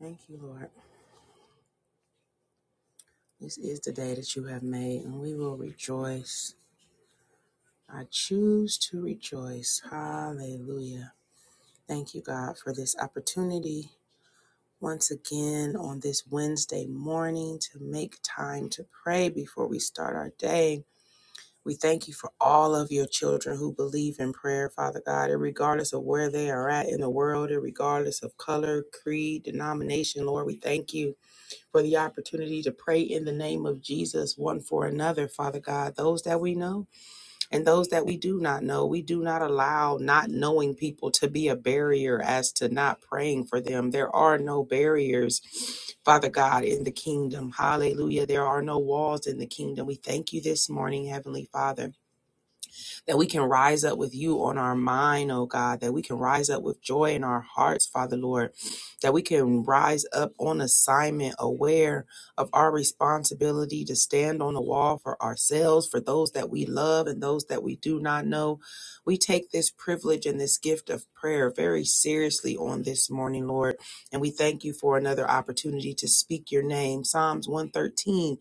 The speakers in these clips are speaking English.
Thank you, Lord. This is the day that you have made, and we will rejoice. I choose to rejoice. Hallelujah. Thank you, God, for this opportunity once again on this Wednesday morning to make time to pray before we start our day. We thank you for all of your children who believe in prayer, Father God, and regardless of where they are at in the world, and regardless of color, creed, denomination, Lord, we thank you for the opportunity to pray in the name of Jesus one for another, Father God, those that we know and those that we do not know. We do not allow not knowing people to be a barrier as to not praying for them. There are no barriers, Father God, in the kingdom. Hallelujah. There are no walls in the kingdom. We thank you this morning, Heavenly Father that we can rise up with you on our mind, oh God, that we can rise up with joy in our hearts, Father Lord, that we can rise up on assignment, aware of our responsibility to stand on the wall for ourselves, for those that we love and those that we do not know. We take this privilege and this gift of prayer very seriously on this morning, Lord, and we thank you for another opportunity to speak your name. Psalms 113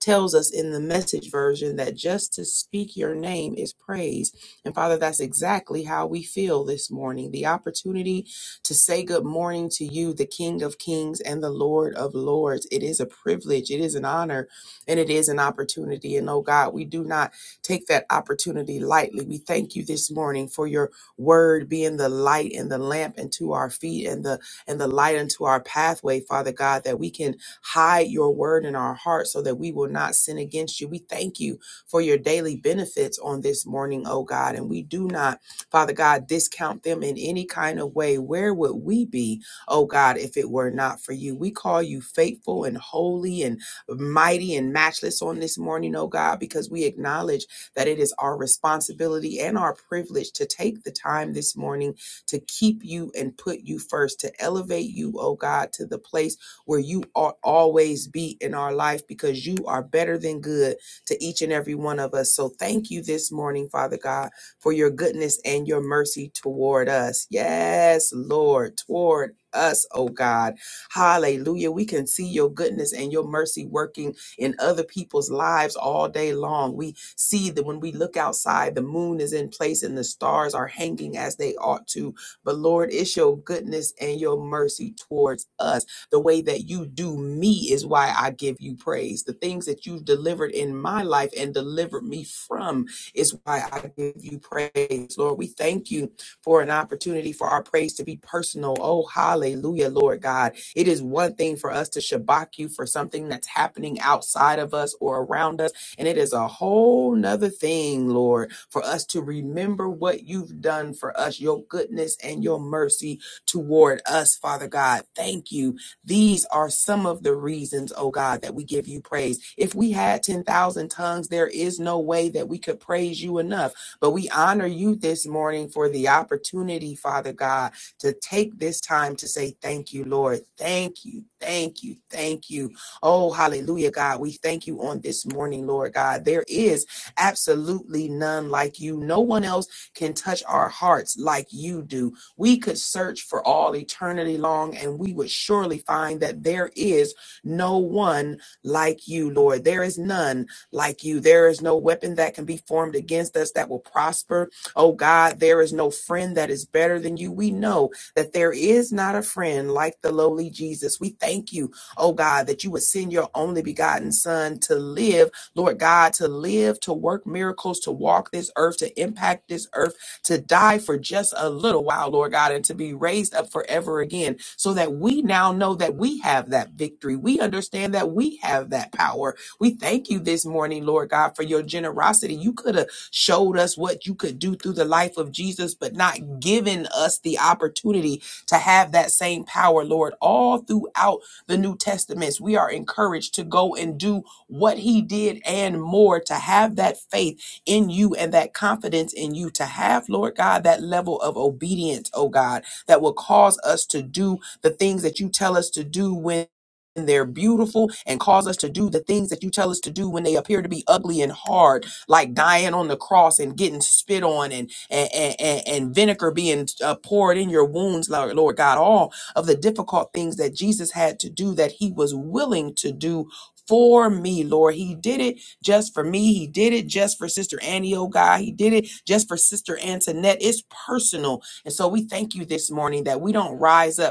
tells us in the message version that just to speak your name is praise. And Father, that's exactly how we feel this morning. The opportunity to say good morning to you, the King of Kings and the Lord of Lords. It is a privilege, it is an honor, and it is an opportunity. And oh God, we do not take that opportunity lightly. We thank you this morning for your word being the light and the lamp unto our feet and the and the light unto our pathway, Father God, that we can Hide your word in our hearts so that we will not sin against you. We thank you for your daily benefits on this morning, oh God. And we do not, Father God, discount them in any kind of way. Where would we be, oh God, if it were not for you? We call you faithful and holy and mighty and matchless on this morning, oh God, because we acknowledge that it is our responsibility and our privilege to take the time this morning to keep you and put you first, to elevate you, oh God, to the place where you ought always be in our life because you are better than good to each and every one of us. So thank you this morning, Father God, for your goodness and your mercy toward us. Yes, Lord, toward us, oh God. Hallelujah. We can see your goodness and your mercy working in other people's lives all day long. We see that when we look outside, the moon is in place and the stars are hanging as they ought to. But Lord, it's your goodness and your mercy towards us the way that you do me is why I give you praise. The things that you've delivered in my life and delivered me from is why I give you praise. Lord, we thank you for an opportunity for our praise to be personal. Oh, hallelujah, Lord God. It is one thing for us to shabak you for something that's happening outside of us or around us. And it is a whole nother thing, Lord, for us to remember what you've done for us, your goodness and your mercy toward us, Father God. Thank you these are some of the reasons, oh God, that we give you praise. If we had 10,000 tongues, there is no way that we could praise you enough. But we honor you this morning for the opportunity, Father God, to take this time to say thank you, Lord. Thank you, thank you, thank you. Oh, hallelujah, God. We thank you on this morning, Lord God. There is absolutely none like you. No one else can touch our hearts like you do. We could search for all eternity long and we would surely find that there is no one like you, Lord. There is none like you. There is no weapon that can be formed against us that will prosper. Oh God, there is no friend that is better than you. We know that there is not a friend like the lowly Jesus. We thank you, oh God, that you would send your only begotten Son to live, Lord God, to live, to work miracles, to walk this earth, to impact this earth to die for just a little while, Lord God, and to be raised up forever again, so that we now know that we have that victory. We understand that we have that power. We thank you this morning, Lord God, for your generosity. You could have showed us what you could do through the life of Jesus, but not given us the opportunity to have that same power, Lord. All throughout the New Testaments, we are encouraged to go and do what he did and more, to have that faith in you and that confidence in you to have, Lord God, that level of obedience, oh God, that will cause us to do the things that you tell us to do when they're beautiful and cause us to do the things that you tell us to do when they appear to be ugly and hard like dying on the cross and getting spit on and and and, and vinegar being uh, poured in your wounds lord, lord god all of the difficult things that jesus had to do that he was willing to do for me lord he did it just for me, he did it. Just for Sister Annie, oh God, he did it. Just for Sister Antoinette, it's personal. And so we thank you this morning that we don't rise up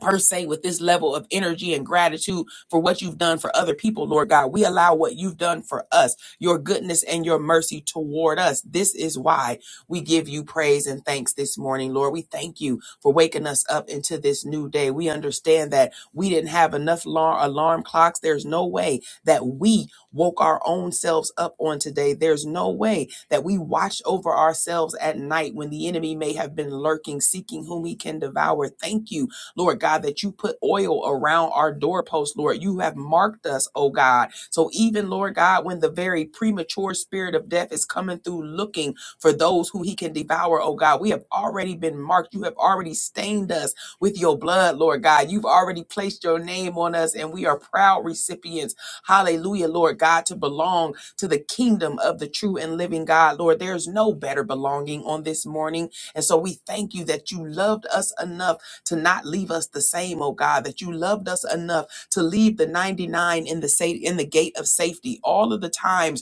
per se with this level of energy and gratitude for what you've done for other people, Lord God. We allow what you've done for us, your goodness and your mercy toward us. This is why we give you praise and thanks this morning, Lord. We thank you for waking us up into this new day. We understand that we didn't have enough alarm, clocks. There's no way that we woke our own selves up on today. There's no way that we watched over ourselves at night when the enemy may have been lurking, seeking whom he can devour. Thank you Lord God, that you put oil around our doorposts, Lord. You have marked us, oh God. So even, Lord God, when the very premature spirit of death is coming through looking for those who he can devour, oh God, we have already been marked. You have already stained us with your blood, Lord God. You've already placed your name on us, and we are proud recipients, hallelujah, Lord God, to belong to the kingdom of the true and living God, Lord. There's no better belonging on this morning. And so we thank you that you loved us enough to not leave us the same, oh God, that you loved us enough to leave the 99 in the safe in the gate of safety all of the times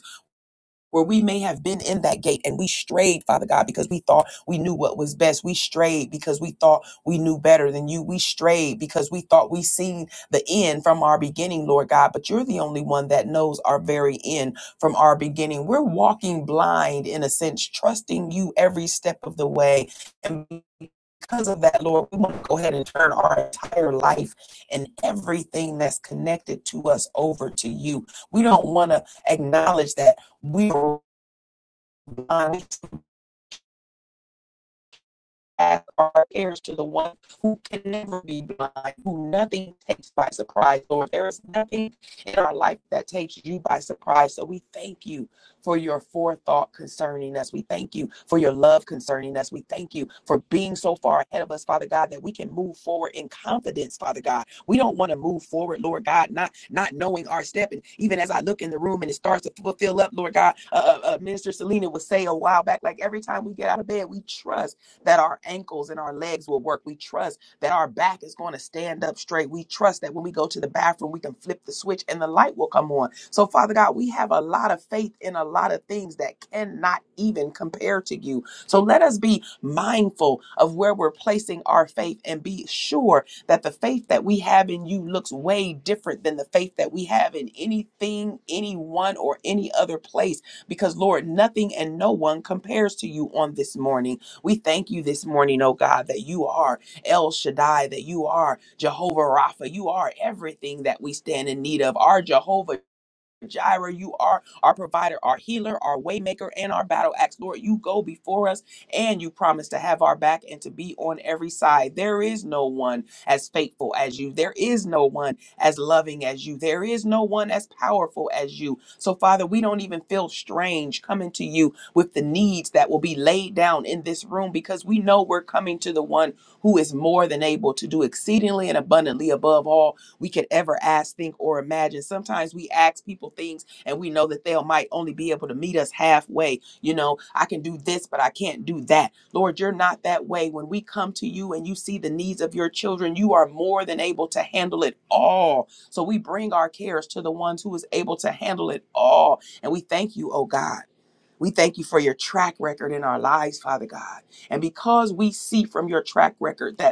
where we may have been in that gate and we strayed, Father God, because we thought we knew what was best. We strayed because we thought we knew better than you. We strayed because we thought we seen the end from our beginning, Lord God, but you're the only one that knows our very end from our beginning. We're walking blind in a sense, trusting you every step of the way. And because of that, Lord, we want to go ahead and turn our entire life and everything that's connected to us over to you. We don't want to acknowledge that we are blind as our heirs to the one who can never be blind, who nothing takes by surprise. Lord, there is nothing in our life that takes you by surprise. So we thank you for your forethought concerning us. We thank you for your love concerning us. We thank you for being so far ahead of us, Father God, that we can move forward in confidence, Father God. We don't want to move forward, Lord God, not not knowing our step. And even as I look in the room and it starts to fulfill up, Lord God, uh, uh, uh, Minister Selena would say a while back, like every time we get out of bed, we trust that our ankles and our legs will work. We trust that our back is going to stand up straight. We trust that when we go to the bathroom, we can flip the switch and the light will come on. So, Father God, we have a lot of faith in a lot of things that cannot even compare to you. So, let us be mindful of where we're placing our faith and be sure that the faith that we have in you looks way different than the faith that we have in anything, anyone, or any other place. Because, Lord, nothing and no one compares to you on this morning. We thank you this morning, oh God, that you are El Shaddai, that you are Jehovah Rapha, you are everything that we stand in need of. Our Jehovah Jireh, you are our provider, our healer, our waymaker, and our battle axe. Lord, you go before us and you promise to have our back and to be on every side. There is no one as faithful as you. There is no one as loving as you. There is no one as powerful as you. So, Father, we don't even feel strange coming to you with the needs that will be laid down in this room because we know we're coming to the one who is more than able to do exceedingly and abundantly above all we could ever ask, think, or imagine. Sometimes we ask people things and we know that they will might only be able to meet us halfway. You know, I can do this, but I can't do that. Lord, you're not that way. When we come to you and you see the needs of your children, you are more than able to handle it all. So we bring our cares to the ones who is able to handle it all. And we thank you, oh God. We thank you for your track record in our lives, Father God. And because we see from your track record that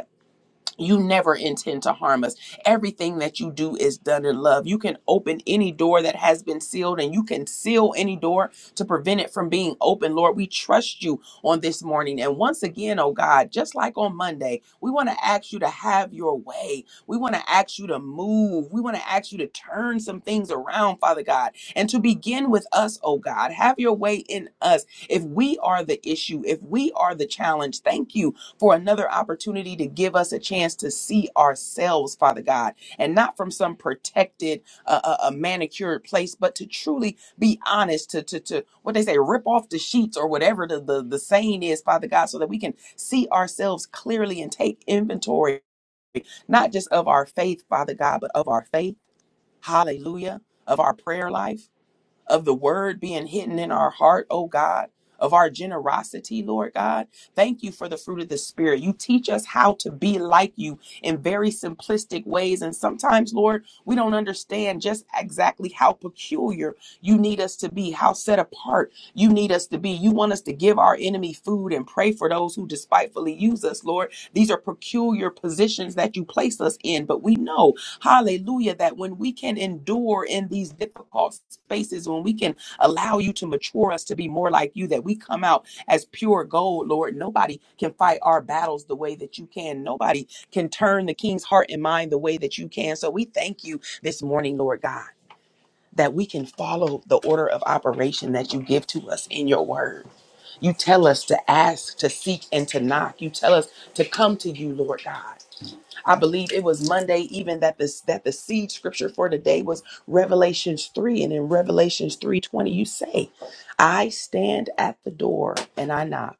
you never intend to harm us. Everything that you do is done in love. You can open any door that has been sealed and you can seal any door to prevent it from being open. Lord, we trust you on this morning. And once again, oh God, just like on Monday, we want to ask you to have your way. We want to ask you to move. We want to ask you to turn some things around, Father God. And to begin with us, oh God, have your way in us. If we are the issue, if we are the challenge, thank you for another opportunity to give us a chance to see ourselves, Father God, and not from some protected, uh, uh, uh, manicured place, but to truly be honest, to, to, to what they say, rip off the sheets or whatever the, the, the saying is, Father God, so that we can see ourselves clearly and take inventory, not just of our faith, Father God, but of our faith. Hallelujah. Of our prayer life of the word being hidden in our heart, oh God, of our generosity, Lord God. Thank you for the fruit of the Spirit. You teach us how to be like you in very simplistic ways. And sometimes, Lord, we don't understand just exactly how peculiar you need us to be, how set apart you need us to be. You want us to give our enemy food and pray for those who despitefully use us, Lord. These are peculiar positions that you place us in, but we know. Hallelujah. That when we can endure in these difficult spaces, when we can allow you to mature us to be more like you, that we come out as pure gold, Lord. Nobody can fight our battles the way that you can. Nobody can turn the king's heart and mind the way that you can. So we thank you this morning, Lord God. That we can follow the order of operation that you give to us in your word. You tell us to ask, to seek, and to knock. You tell us to come to you, Lord God. I believe it was Monday even that this that the seed scripture for today was Revelations 3 and in Revelations 3:20 you say, "I stand at the door and I knock.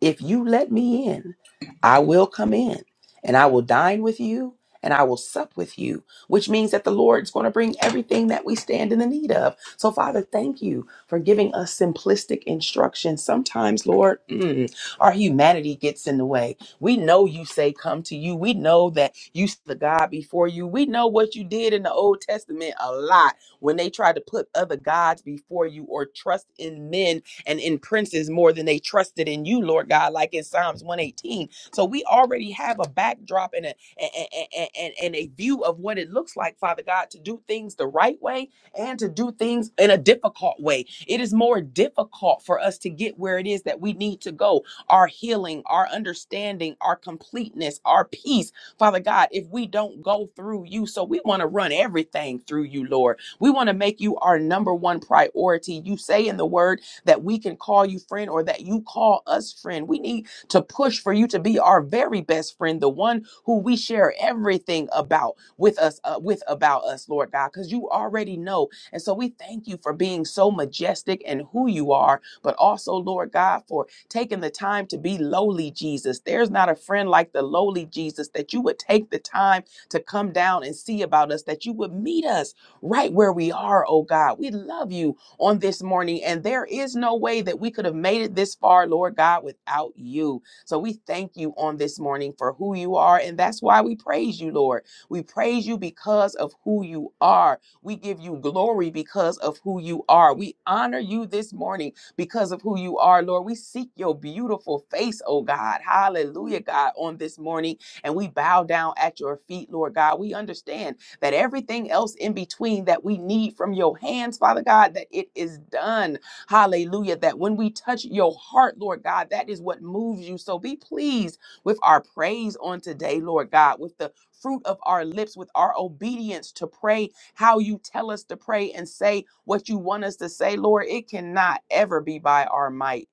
If you let me in, I will come in and I will dine with you and I will sup with you, which means that the Lord's going to bring everything that we stand in the need of. So, Father, thank you for giving us simplistic instructions. Sometimes, Lord, mm, our humanity gets in the way. We know you say, Come to you. We know that you, the God before you. We know what you did in the Old Testament a lot when they tried to put other gods before you or trust in men and in princes more than they trusted in you, Lord God, like in Psalms 118. So we already have a backdrop and a and, and, and a view of what it looks like, Father God, to do things the right way and to do things in a difficult way. It is more difficult for us to get where it is that we need to go. Our healing, our understanding, our completeness, our peace, Father God, if we don't go through you. So we want to run everything through you, Lord. We want to make you our number one priority. You say in the word, that we can call you friend or that you call us friend. We need to push for you to be our very best friend, the one who we share everything about with us, uh, with about us, Lord God, because you already know. And so we thank you for being so majestic and who you are, but also, Lord God, for taking the time to be lowly, Jesus. There's not a friend like the lowly Jesus that you would take the time to come down and see about us, that you would meet us right where we are, oh God. We love you on this morning. And there is no way that we could have made it this far, Lord God, without you. So we thank you on this morning for who you are. And that's why we praise you, Lord. We praise you because of who you are. We give you glory because of who you are. We honor you this morning because of who you are, Lord. We seek your beautiful face, oh God. Hallelujah, God, on this morning. And we bow down at your feet, Lord God. We understand that everything else in between that we need from your hands, Father God, that it is done. Hallelujah. That when we touch your heart, Lord God, that is what moves you. So be pleased with our praise on today, Lord God, with the fruit of our lips, with our obedience to pray how you tell us to pray and say what you want us to say, Lord. It cannot ever be by our might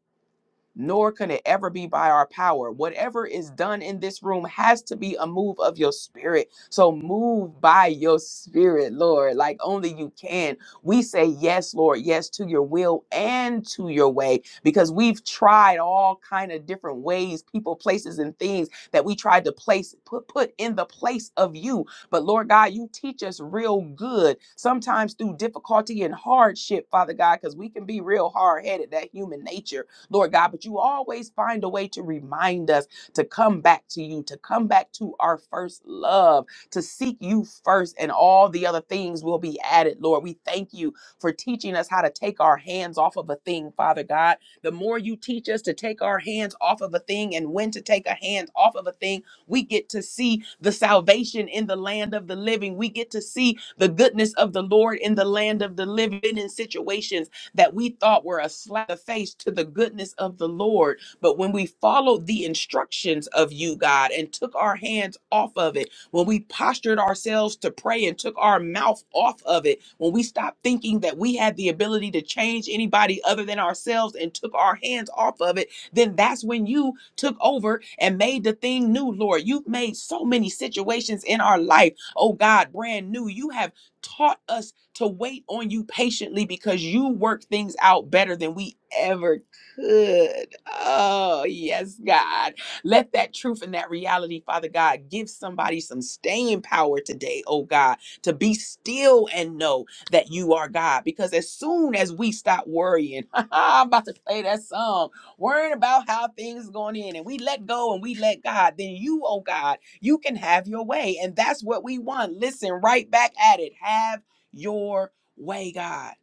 nor can it ever be by our power. Whatever is done in this room has to be a move of your spirit. So move by your spirit, Lord, like only you can. We say yes, Lord, yes to your will and to your way because we've tried all kind of different ways, people, places and things that we tried to place put put in the place of you. But Lord God, you teach us real good, sometimes through difficulty and hardship, Father God, cuz we can be real hard-headed that human nature. Lord God, but you always find a way to remind us to come back to you, to come back to our first love, to seek you first, and all the other things will be added, Lord. We thank you for teaching us how to take our hands off of a thing, Father God. The more you teach us to take our hands off of a thing and when to take a hand off of a thing, we get to see the salvation in the land of the living. We get to see the goodness of the Lord in the land of the living in situations that we thought were a slap in the face to the goodness of the Lord. But when we followed the instructions of you, God, and took our hands off of it, when we postured ourselves to pray and took our mouth off of it, when we stopped thinking that we had the ability to change anybody other than ourselves and took our hands off of it, then that's when you took over and made the thing new, Lord. You've made so many situations in our life, oh God, brand new. You have taught us to wait on you patiently because you work things out better than we ever could. Oh, yes, God. Let that truth and that reality, Father God, give somebody some staying power today, oh God, to be still and know that you are God. Because as soon as we stop worrying, I'm about to play that song, worrying about how things going in, and we let go and we let God, then you, oh God, you can have your way. And that's what we want. Listen, right back at it. Have your way, God.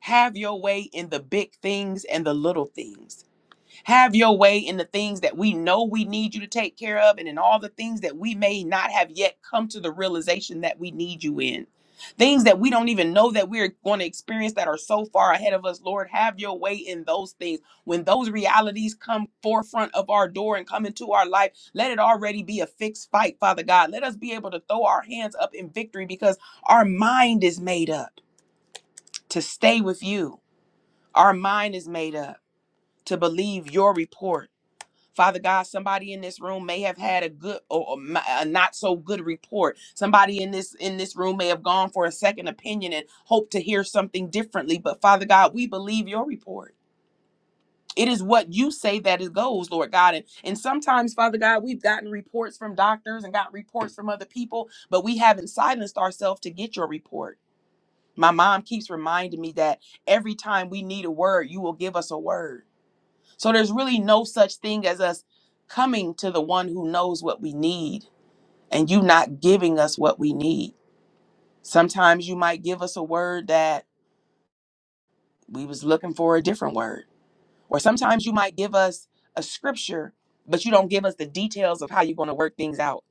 Have your way in the big things and the little things. Have your way in the things that we know we need you to take care of and in all the things that we may not have yet come to the realization that we need you in. Things that we don't even know that we're going to experience that are so far ahead of us, Lord, have your way in those things. When those realities come forefront of our door and come into our life, let it already be a fixed fight, Father God. Let us be able to throw our hands up in victory because our mind is made up to stay with you. Our mind is made up to believe your report. Father God, somebody in this room may have had a good or or ma- a not so good report. Somebody in this in this room may have gone for a second opinion and hoped to hear something differently. But Father God, we believe your report. It is what you say that it goes, Lord God. And, and sometimes, Father God, we've gotten reports from doctors and got reports from other people, but we haven't silenced ourselves to get your report. My mom keeps reminding me that every time we need a word, you will give us a word. So there's really no such thing as us coming to the one who knows what we need and you not giving us what we need. Sometimes you might give us a word that we was looking for a different word. Or sometimes you might give us a scripture, but you don't give us the details of how you're going to work things out.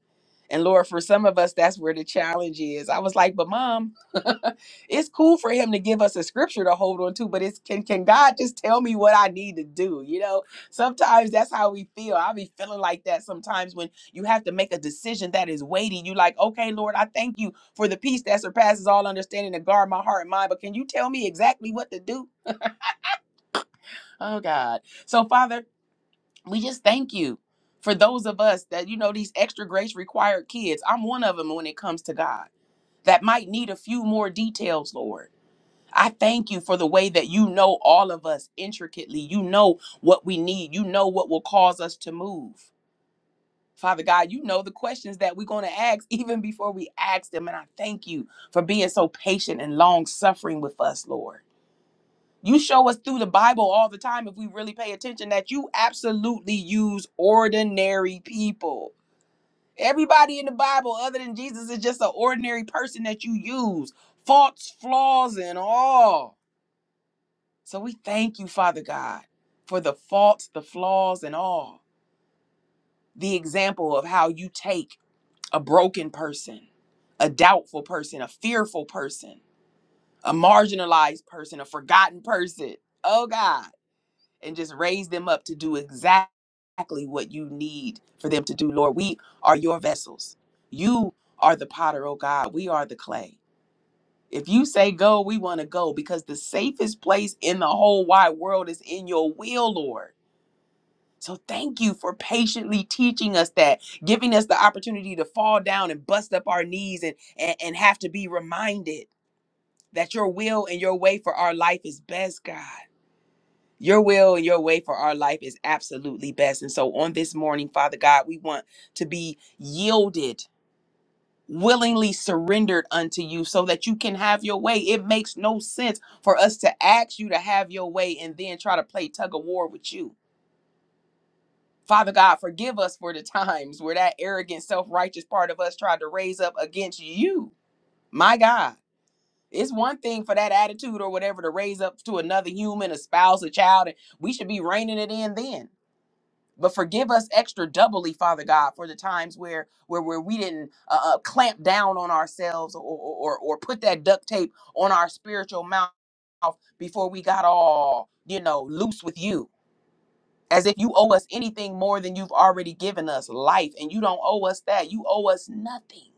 And Lord, for some of us, that's where the challenge is. I was like, but mom, it's cool for him to give us a scripture to hold on to, but it's can can God just tell me what I need to do? You know, sometimes that's how we feel. I'll be feeling like that sometimes when you have to make a decision that is weighty. You like, okay, Lord, I thank you for the peace that surpasses all understanding to guard my heart and mind, but can you tell me exactly what to do? Oh God. So Father we just thank you for those of us that you know these extra grace required kids i'm one of them when it comes to god that might need a few more details lord i thank you for the way that you know all of us intricately you know what we need you know what will cause us to move Father God, you know the questions that we're going to ask even before we ask them. And I thank you for being so patient and long suffering with us, Lord. You show us through the Bible all the time if we really pay attention that you absolutely use ordinary people. Everybody in the Bible, other than Jesus, is just an ordinary person that you use, faults, flaws, and all. So we thank you, Father God, for the faults, the flaws, and all. The example of how you take a broken person, a doubtful person, a fearful person, a marginalized person, a forgotten person. Oh God and just raise them up to do exactly what you need for them to do, Lord. We are your vessels. You are the potter, oh God. We are the clay. If you say go, we want to go because the safest place in the whole wide world is in your will, Lord. So thank you for patiently teaching us that, giving us the opportunity to fall down and bust up our knees and, and, and have to be reminded that your will and your way for our life is best, God. Your will and your way for our life is absolutely best. And so on this morning, Father God, we want to be yielded, willingly surrendered unto you so that you can have your way. It makes no sense for us to ask you to have your way and then try to play tug of war with you. Father God, forgive us for the times where that arrogant, self righteous part of us tried to raise up against you. My God. It's one thing for that attitude or whatever to raise up to another human, a spouse, a child, and we should be reining it in then. but forgive us extra doubly father god for the times where where, where we didn't uh, uh, clamp down on ourselves or, or or or put that duct tape on our spiritual mouth before we got all you know loose with you as if you owe us anything more than you've already given us life and you don't owe us that you owe us nothing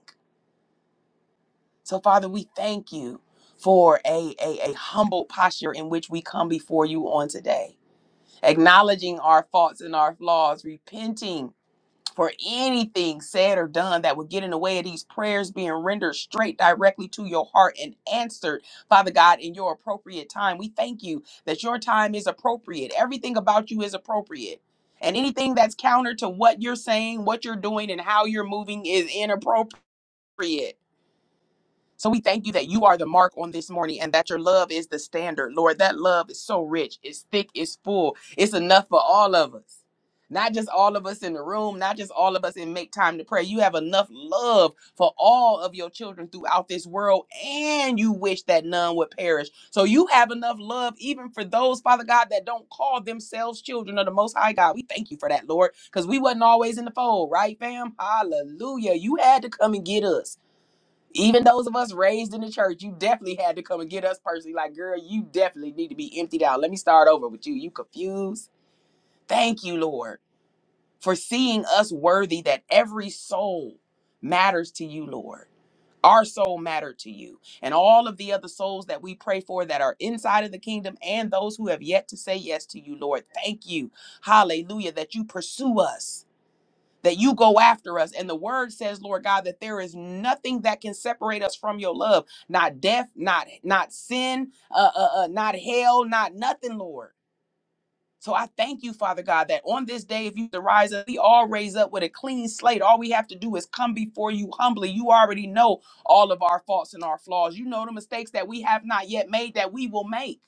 so father we thank you for a, a, a humble posture in which we come before you on today acknowledging our faults and our flaws repenting for anything said or done that would get in the way of these prayers being rendered straight directly to your heart and answered, Father God, in your appropriate time. We thank you that your time is appropriate. Everything about you is appropriate. And anything that's counter to what you're saying, what you're doing, and how you're moving is inappropriate. So we thank you that you are the mark on this morning and that your love is the standard. Lord, that love is so rich, it's thick, it's full, it's enough for all of us. Not just all of us in the room, not just all of us in Make Time to Pray. You have enough love for all of your children throughout this world, and you wish that none would perish. So you have enough love even for those, Father God, that don't call themselves children of the Most High God. We thank you for that, Lord, because we wasn't always in the fold, right, fam? Hallelujah. You had to come and get us. Even those of us raised in the church, you definitely had to come and get us personally. Like, girl, you definitely need to be emptied out. Let me start over with you. You confused. Thank you, Lord, for seeing us worthy that every soul matters to you, Lord. Our soul mattered to you. And all of the other souls that we pray for that are inside of the kingdom and those who have yet to say yes to you, Lord. Thank you. Hallelujah. That you pursue us that you go after us. And the word says, Lord God, that there is nothing that can separate us from your love. Not death, not not sin, uh, uh, uh, not hell, not nothing, Lord. So I thank you, Father God, that on this day, if you to rise up, we all raise up with a clean slate. All we have to do is come before you humbly. You already know all of our faults and our flaws. You know the mistakes that we have not yet made that we will make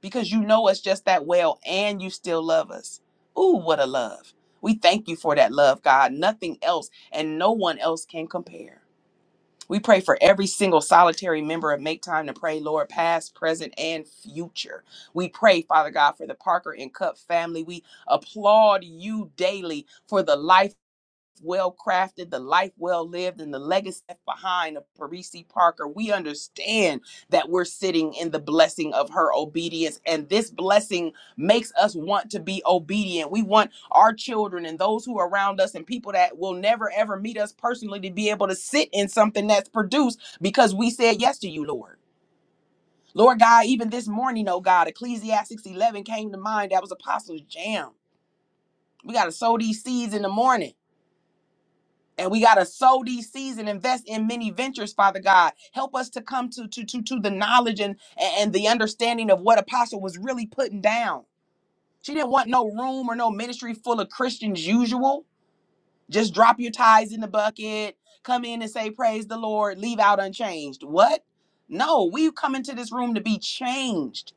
because you know us just that well and you still love us. Ooh, what a love. We thank you for that love, God. Nothing else and no one else can compare. We pray for every single solitary member of Make Time to Pray, Lord, past, present, and future. We pray, Father God, for the Parker and Cup family. We applaud you daily for the life well crafted, the life well lived, and the legacy left behind of Parisi Parker. We understand that we're sitting in the blessing of her obedience, and this blessing makes us want to be obedient. We want our children and those who are around us and people that will never ever meet us personally to be able to sit in something that's produced because we said yes to you, Lord. Lord God, even this morning, oh God, Ecclesiastes 11 came to mind. That was Apostles' Jam. We got to sow these seeds in the morning. And we gotta sow these seeds and invest in many ventures, Father God. Help us to come to to to, to the knowledge and and the understanding of what Apostle was really putting down. She didn't want no room or no ministry full of Christians usual. Just drop your ties in the bucket, come in and say praise the Lord, leave out unchanged. What? No, we come into this room to be changed.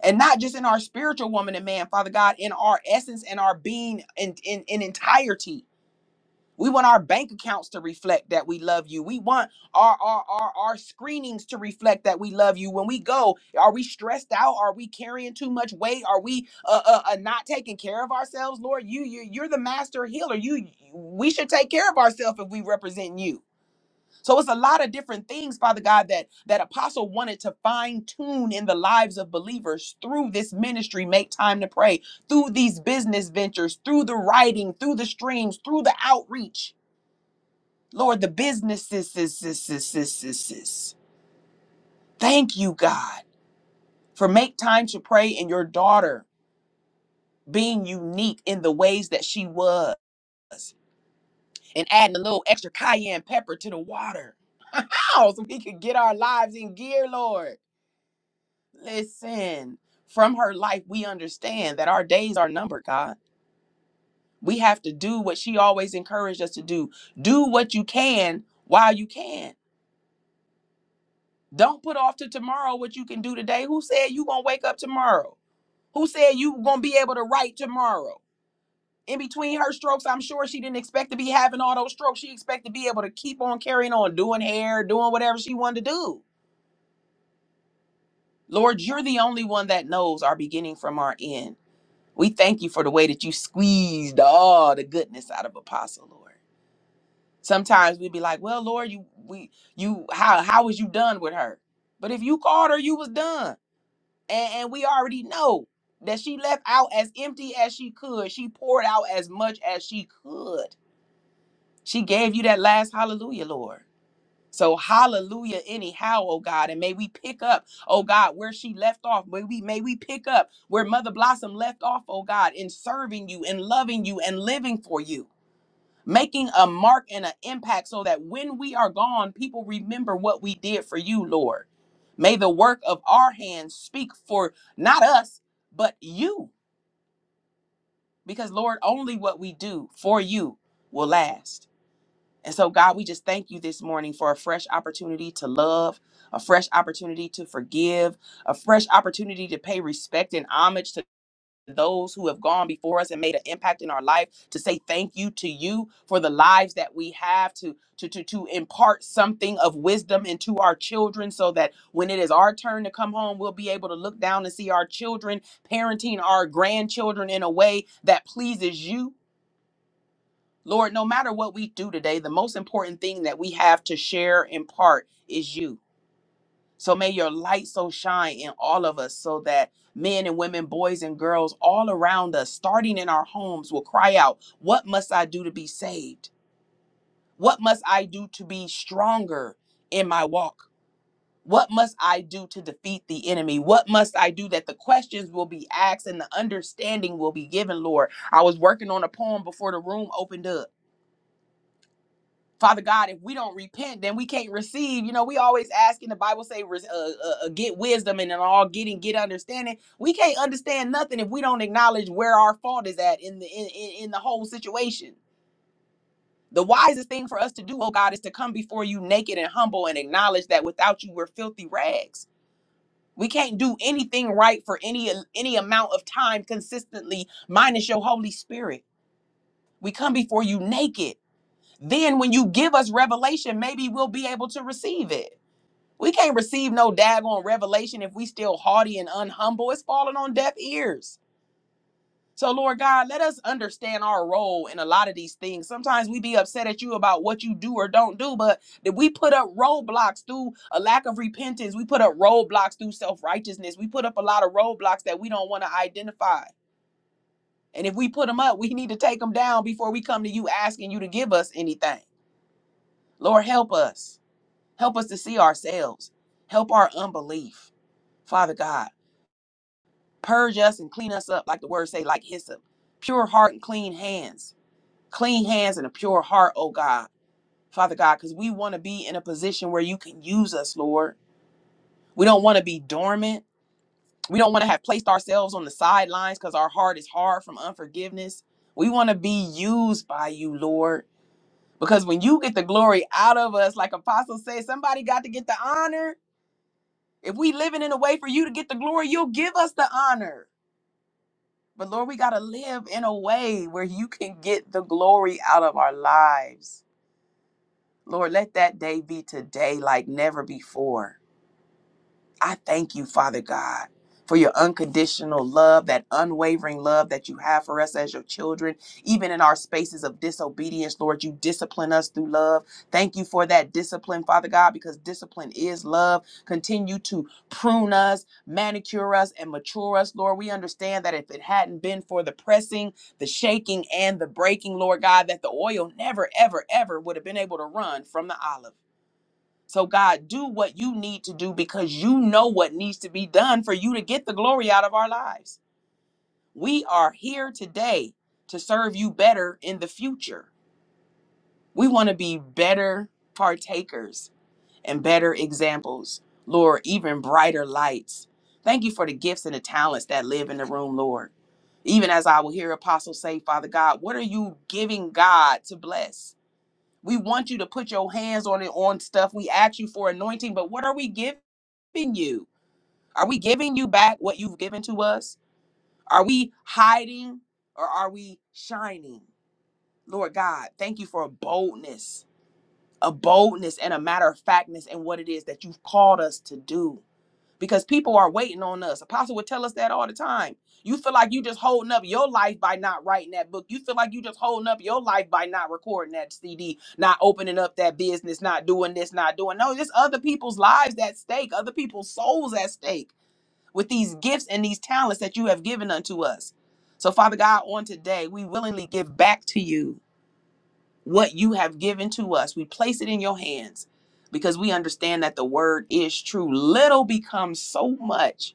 And not just in our spiritual woman and man, Father God, in our essence and our being in, in, in entirety. We want our bank accounts to reflect that we love you. We want our, our our our screenings to reflect that we love you. When we go, are we stressed out? Are we carrying too much weight? Are we uh, uh, uh not taking care of ourselves, Lord? You you you're the master healer. You we should take care of ourselves if we represent you. So it's a lot of different things, Father God, that that apostle wanted to fine tune in the lives of believers through this ministry. Make time to pray through these business ventures, through the writing, through the streams, through the outreach. Lord, the businesses, sis, sis, sis, sis, sis, sis. Thank you, God, for make time to pray and your daughter being unique in the ways that she was and adding a little extra cayenne pepper to the water. Ow, so we could get our lives in gear, Lord. Listen, from her life, we understand that our days are numbered, God. We have to do what she always encouraged us to do. Do what you can while you can. Don't put off to tomorrow what you can do today. Who said you gonna wake up tomorrow? Who said you were gonna be able to write tomorrow? In between her strokes, I'm sure she didn't expect to be having all those strokes. She expected to be able to keep on carrying on, doing hair, doing whatever she wanted to do. Lord, you're the only one that knows our beginning from our end. We thank you for the way that you squeezed all the goodness out of Apostle, Lord. Sometimes we'd be like, "Well, Lord, you we you how how was you done with her?" But if you called her, you was done. and, and we already know that she left out as empty as she could. She poured out as much as she could. She gave you that last hallelujah, Lord. So hallelujah, anyhow, oh God, and may we pick up, oh God, where she left off. May we may we pick up where Mother Blossom left off, oh God, in serving you and loving you and living for you making a mark and an impact so that when we are gone, people remember what we did for you, Lord. May the work of our hands speak for not us, but you, because Lord, only what we do for you will last. And so, God, we just thank you this morning for a fresh opportunity to love, a fresh opportunity to forgive, a fresh opportunity to pay respect and homage to those who have gone before us and made an impact in our life to say thank you to you for the lives that we have to to to to impart something of wisdom into our children so that when it is our turn to come home we'll be able to look down and see our children parenting our grandchildren in a way that pleases you Lord no matter what we do today the most important thing that we have to share in part is you so may your light so shine in all of us so that men and women, boys and girls all around us, starting in our homes, will cry out, What must I do to be saved? What must I do to be stronger in my walk? What must I do to defeat the enemy? What must I do that the questions will be asked and the understanding will be given, Lord? I was working on a poem before the room opened up Father God, if we don't repent, then we can't receive. You know, we always ask in the Bible say, res- uh, uh, uh, "Get wisdom," and in all getting, get understanding. We can't understand nothing if we don't acknowledge where our fault is at in the in, in, in the whole situation. The wisest thing for us to do, oh God, is to come before you naked and humble and acknowledge that without you, we're filthy rags. We can't do anything right for any any amount of time consistently, minus your Holy Spirit. We come before you naked then when you give us revelation, maybe we'll be able to receive it. We can't receive no daggone revelation if we still haughty and unhumble. It's falling on deaf ears. So Lord God, let us understand our role in a lot of these things. Sometimes we be upset at you about what you do or don't do, but that we put up roadblocks through a lack of repentance. We put up roadblocks through self-righteousness. We put up a lot of roadblocks that we don't want to identify. And if we put them up, we need to take them down before we come to you asking you to give us anything. Lord, help us. Help us to see ourselves. Help our unbelief. Father God, purge us and clean us up, like the word say, like hyssop. Pure heart and clean hands. Clean hands and a pure heart, oh God. Father God, because we want to be in a position where you can use us, Lord. We don't want to be dormant. We don't want to have placed ourselves on the sidelines because our heart is hard from unforgiveness. We want to be used by you, Lord. Because when you get the glory out of us, like Apostle says, somebody got to get the honor. If we living in a way for you to get the glory, you'll give us the honor. But Lord, we got to live in a way where you can get the glory out of our lives. Lord, let that day be today like never before. I thank you, Father God, for your unconditional love, that unwavering love that you have for us as your children. Even in our spaces of disobedience, Lord, you discipline us through love. Thank you for that discipline, Father God, because discipline is love. Continue to prune us, manicure us, and mature us, Lord. We understand that if it hadn't been for the pressing, the shaking, and the breaking, Lord God, that the oil never, ever, ever would have been able to run from the olive. So, God, do what you need to do because you know what needs to be done for you to get the glory out of our lives. We are here today to serve you better in the future. We want to be better partakers and better examples, Lord, even brighter lights. Thank you for the gifts and the talents that live in the room, Lord. Even as I will hear apostles say, Father God, what are you giving God to bless? We want you to put your hands on it on stuff. We ask you for anointing, but what are we giving? giving you? Are we giving you back what you've given to us? Are we hiding or are we shining? Lord God, thank you for a boldness, a boldness and a matter of factness in what it is that you've called us to do. Because people are waiting on us. Apostle would tell us that all the time. You feel like you just holding up your life by not writing that book. You feel like you just holding up your life by not recording that CD, not opening up that business, not doing this, not doing no. There's other people's lives at stake, other people's souls at stake with these gifts and these talents that you have given unto us. So, Father God, on today, we willingly give back to you what you have given to us. We place it in your hands because we understand that the word is true. Little becomes so much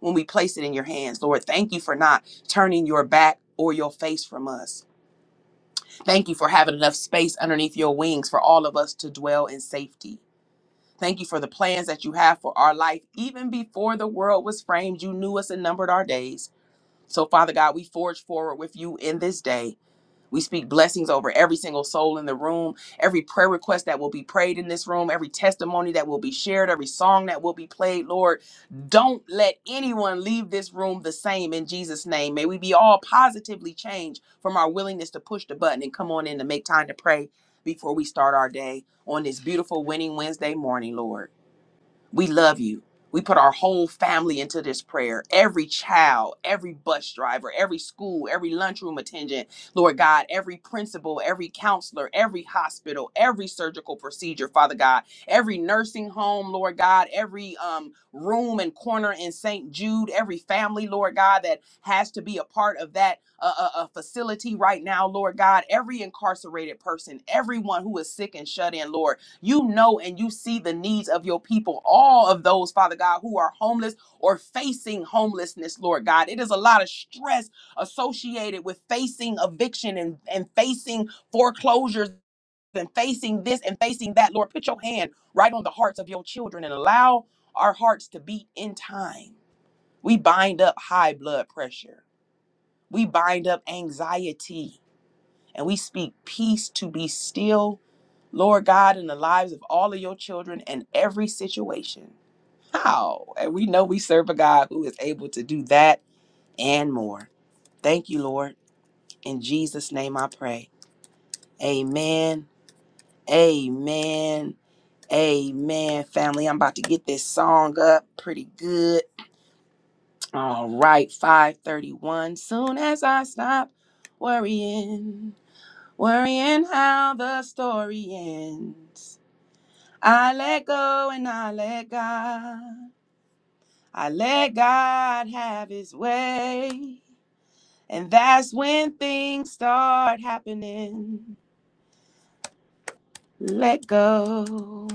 when we place it in your hands. Lord, thank you for not turning your back or your face from us. Thank you for having enough space underneath your wings for all of us to dwell in safety. Thank you for the plans that you have for our life. Even before the world was framed, you knew us and numbered our days. So, Father God, we forge forward with you in this day. We speak blessings over every single soul in the room, every prayer request that will be prayed in this room, every testimony that will be shared, every song that will be played. Lord, don't let anyone leave this room the same in Jesus' name. May we be all positively changed from our willingness to push the button and come on in to make time to pray before we start our day on this beautiful winning Wednesday morning, Lord. We love you. We put our whole family into this prayer. Every child, every bus driver, every school, every lunchroom attendant, Lord God, every principal, every counselor, every hospital, every surgical procedure, Father God, every nursing home, Lord God, every um, room and corner in St. Jude, every family, Lord God, that has to be a part of that uh, uh, uh, facility right now, Lord God, every incarcerated person, everyone who is sick and shut in, Lord. You know and you see the needs of your people, all of those, Father God, who are homeless or facing homelessness, Lord God. It is a lot of stress associated with facing eviction and, and facing foreclosures and facing this and facing that. Lord, put your hand right on the hearts of your children and allow our hearts to beat in time. We bind up high blood pressure, we bind up anxiety, and we speak peace to be still Lord God, in the lives of all of your children and every situation. How? And we know we serve a God who is able to do that and more. Thank you, Lord. In Jesus' name I pray. Amen. Amen. Amen, family. I'm about to get this song up pretty good. All right, 531. Soon as I stop worrying, worrying how the story ends. I let go and I let God. I let God have his way. And that's when things start happening. Let go.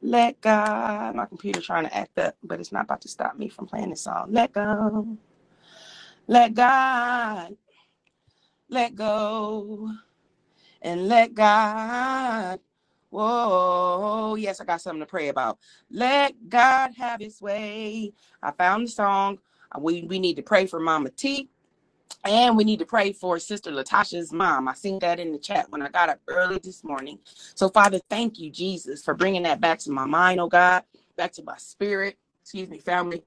Let God. My computer trying to act up, but it's not about to stop me from playing this song. Let go. Let God. Let go. And let God. Whoa, yes, I got something to pray about. Let God have his way. I found the song. Uh, We we need to pray for Mama T and we need to pray for Sister Latasha's mom. I seen that in the chat when I got up early this morning. So, Father, thank you, Jesus, for bringing that back to my mind, oh God, back to my spirit. Excuse me, family.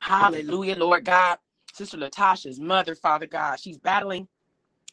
Hallelujah, Lord God. Sister Latasha's mother, Father God, she's battling.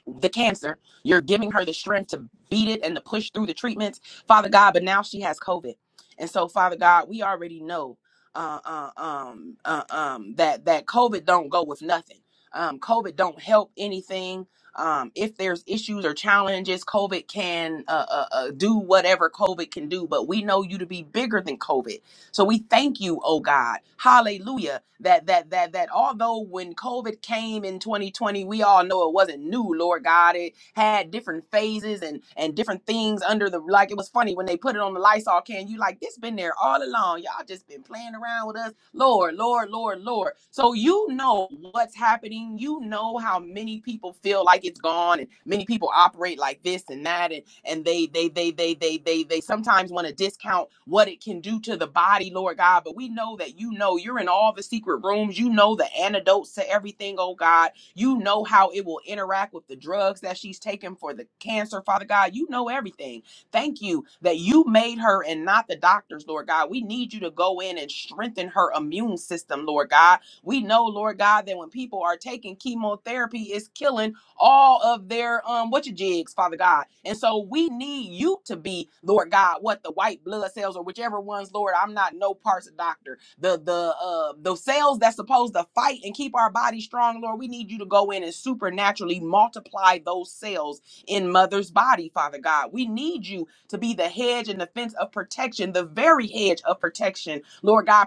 the cancer. You're giving her the strength to beat it and to push through the treatments, Father God. But now she has COVID, and so Father God, we already know uh, uh, um, uh, um, that that COVID don't go with nothing. Um, COVID don't help anything. Um, if there's issues or challenges, COVID can uh, uh, uh, do whatever COVID can do. But we know you to be bigger than COVID. So we thank you, oh God, hallelujah, that that that that although when COVID came in 2020, we all know it wasn't new, Lord God. It had different phases and and different things under the like it was funny when they put it on the Lysol can, you like this been there all along. Y'all just been playing around with us. Lord, Lord, Lord, Lord. Lord, Lord. So you know what's happening. You know how many people feel like it's gone and many people operate like this and that and and they they they they they they they sometimes want to discount what it can do to the body, Lord God, but we know that you know you're in all the secret rooms. You know the antidotes to everything, oh God. You know how it will interact with the drugs that she's taking for the cancer, Father God. You know everything. Thank you that you made her and not the doctors, Lord God. We need you to go in and strengthen her immune system, Lord God. We know, Lord God, that when people are taking chemotherapy, it's killing all of their um what your jigs, Father God. And so we need you to be, Lord God, what the white blood cells or whichever ones, Lord, I'm not no parts of doctor. The the uh the cells that's supposed to fight and keep our body strong, Lord, we need you to go in and supernaturally multiply those cells in mother's body, Father God. We need you to be the hedge and the fence of protection, the very hedge of protection, Lord God,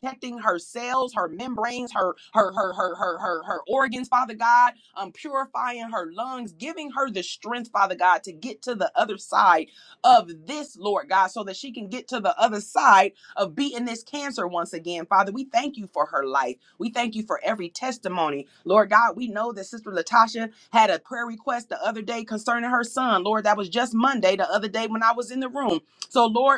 protecting her cells, her membranes, her her her her her her, her organs, Father God, um, purifying her lungs, giving her the strength, Father God, to get to the other side of this, Lord God, so that she can get to the other side of beating this cancer once again. Father, we thank you for her life. We thank you for every testimony. Lord God, we know that Sister Latasha had a prayer request the other day concerning her son. Lord, that was just Monday, the other day when I was in the room. So, Lord,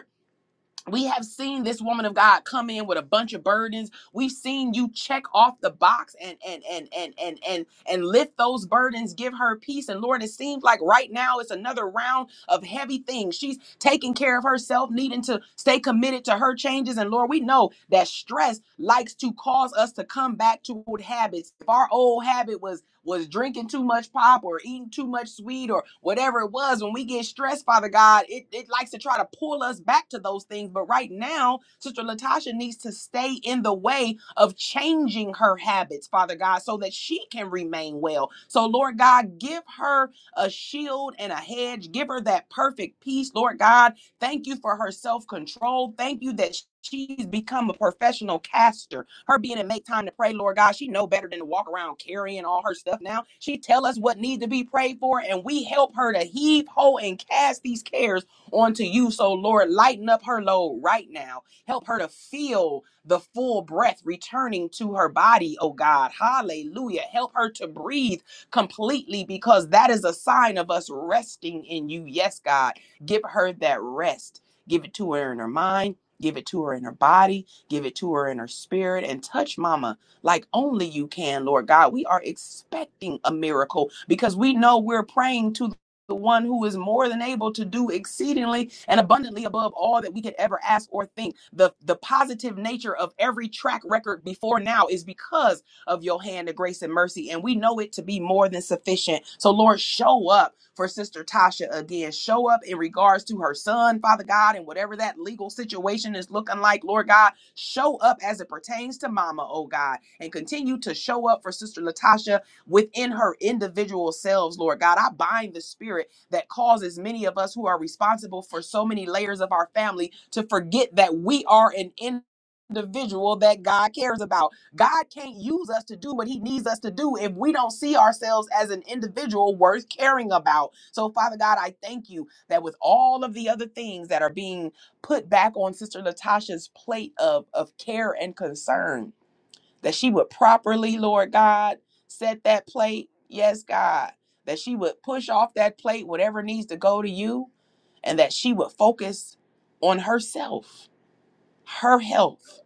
we have seen this woman of God come in with a bunch of burdens. We've seen you check off the box and and and and and and and lift those burdens, give her peace. And Lord, it seems like right now it's another round of heavy things. She's taking care of herself, needing to stay committed to her changes. And Lord, we know that stress likes to cause us to come back to old habits. If our old habit was was drinking too much pop or eating too much sweet or whatever it was, when we get stressed, Father God, it, it likes to try to pull us back to those things. But right now, Sister Latasha needs to stay in the way of changing her habits, Father God, so that she can remain well. So, Lord God, give her a shield and a hedge. Give her that perfect peace, Lord God. Thank you for her self control. Thank you that she's become a professional caster. Her being in make time to pray, Lord God, she know better than to walk around carrying all her stuff now. She tell us what needs to be prayed for, and we help her to heave ho and cast these cares onto you. So Lord, lighten up her load right now. Help her to feel the full breath returning to her body, oh God. Hallelujah. Help her to breathe completely because that is a sign of us resting in you. Yes, God. Give her that rest. Give it to her in her mind. Give it to her in her body Give it to her in her spirit and touch mama like only you can, Lord God. We are expecting a miracle because we know we're praying to the one who is more than able to do exceedingly and abundantly above all that we could ever ask or think. The the positive nature of every track record before now is because of your hand of grace and mercy. And we know it to be more than sufficient. So, Lord, show up for Sister Tasha again. Show up in regards to her son, Father God, and whatever that legal situation is looking like, Lord God. Show up as it pertains to Mama, oh God, and continue to show up for Sister Latasha within her individual selves, Lord God. I bind the spirit that causes many of us who are responsible for so many layers of our family to forget that we are an individual that God cares about. God can't use us to do what he needs us to do if we don't see ourselves as an individual worth caring about. So, Father God, I thank you that with all of the other things that are being put back on Sister Latasha's plate of, of care and concern, that she would properly, Lord God, set that plate. Yes, God. That she would push off that plate, whatever needs to go to you, and that she would focus on herself, her health,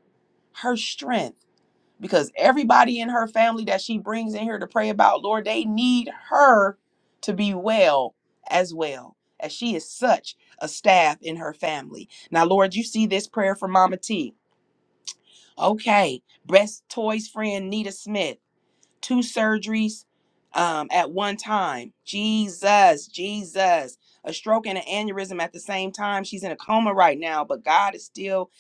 her strength because everybody in her family that she brings in here to pray about, Lord, they need her to be well as well, as she is such a staff in her family. Now, Lord, you see this prayer for Mama T. Okay, breast toys friend Nita Smith, two surgeries um, at one time. Jesus, Jesus. A stroke and an aneurysm at the same time. She's in a coma right now, but God is still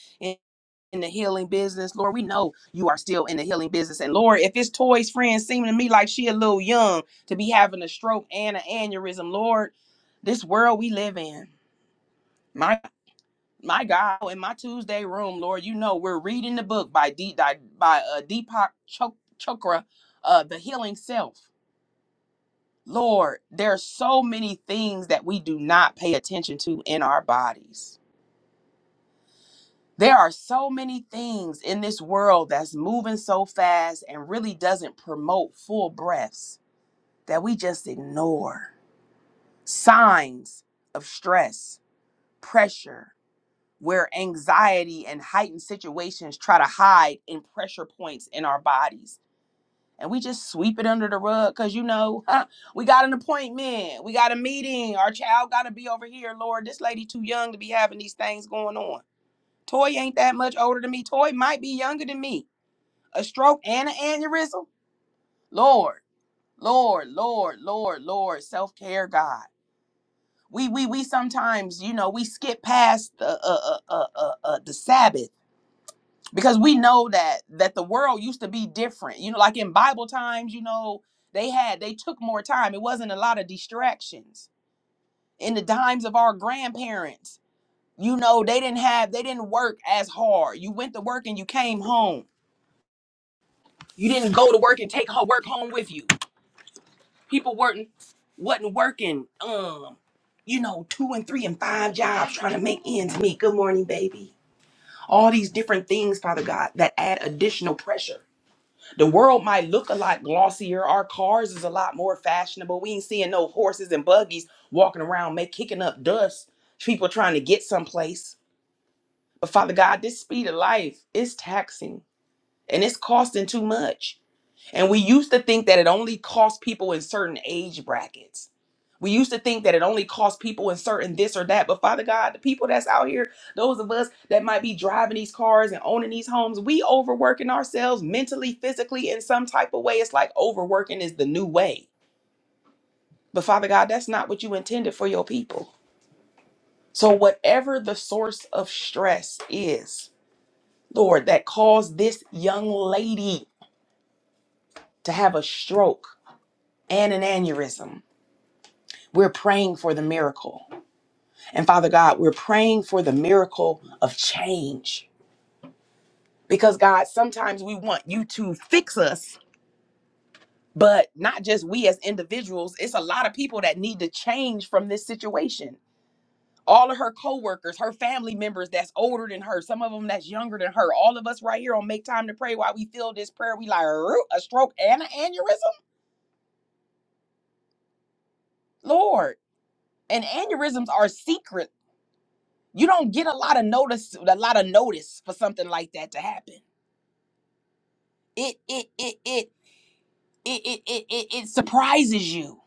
in the healing business. Lord, we know you are still in the healing business. And Lord, if it's Toy's friend seeming to me like she a little young to be having a stroke and an aneurysm, Lord, this world we live in. My my God, in my Tuesday room, Lord, you know we're reading the book by D by, by uh, Deepak Chok- Chokra, uh, The Healing Self. Lord, there are so many things that we do not pay attention to in our bodies There are so many things in this world that's moving so fast and really doesn't promote full breaths that we just ignore. Signs of stress, pressure, where anxiety and heightened situations try to hide in pressure points in our bodies. And we just sweep it under the rug because, you know, huh, we got an appointment, we got a meeting, our child got to be over here. Lord, this lady too young to be having these things going on. Toy ain't that much older than me. Toy might be younger than me. a stroke and an aneurysm. Lord, Lord, Lord, Lord, Lord, self care, God. We we we sometimes, you know, we skip past the uh, uh, uh, uh, uh, the Sabbath because we know that that the world used to be different. You know, like in Bible times, you know, they had they took more time. It wasn't a lot of distractions. In the times of our grandparents, you know, they didn't have they didn't work as hard. You went to work and you came home. You didn't go to work and take ho- work home with you People weren't wasn't working. Um, you know, two and three and five jobs trying to make ends meet. Good morning, baby. All these different things, Father God, that add additional pressure. The world might look a lot glossier. Our cars is a lot more fashionable. We ain't seeing no horses and buggies walking around, make kicking up dust. People trying to get someplace. But Father God, this speed of life is taxing and it's costing too much. And we used to think that it only cost people in certain age brackets. We used to think that it only cost people in certain this or that. But Father God, the people that's out here, those of us that might be driving these cars and owning these homes, we overworking ourselves mentally, physically, in some type of way. It's like overworking is the new way. But Father God, that's not what you intended for your people. So, whatever the source of stress is, Lord, that caused this young lady to have a stroke and an aneurysm, We're praying for the miracle. And Father God, we're praying for the miracle of change. Because God, sometimes we want you to fix us, but not just we as individuals. It's a lot of people that need to change from this situation. All of her coworkers, her family members that's older than her, some of them that's younger than her. All of us right here on Make Time to Pray while we feel this prayer, we like "Roo, a stroke and an aneurysm. Lord, and aneurysms are secret. You don't get a lot of notice, a lot of notice for something like that to happen. It it it it it it it it, it surprises you.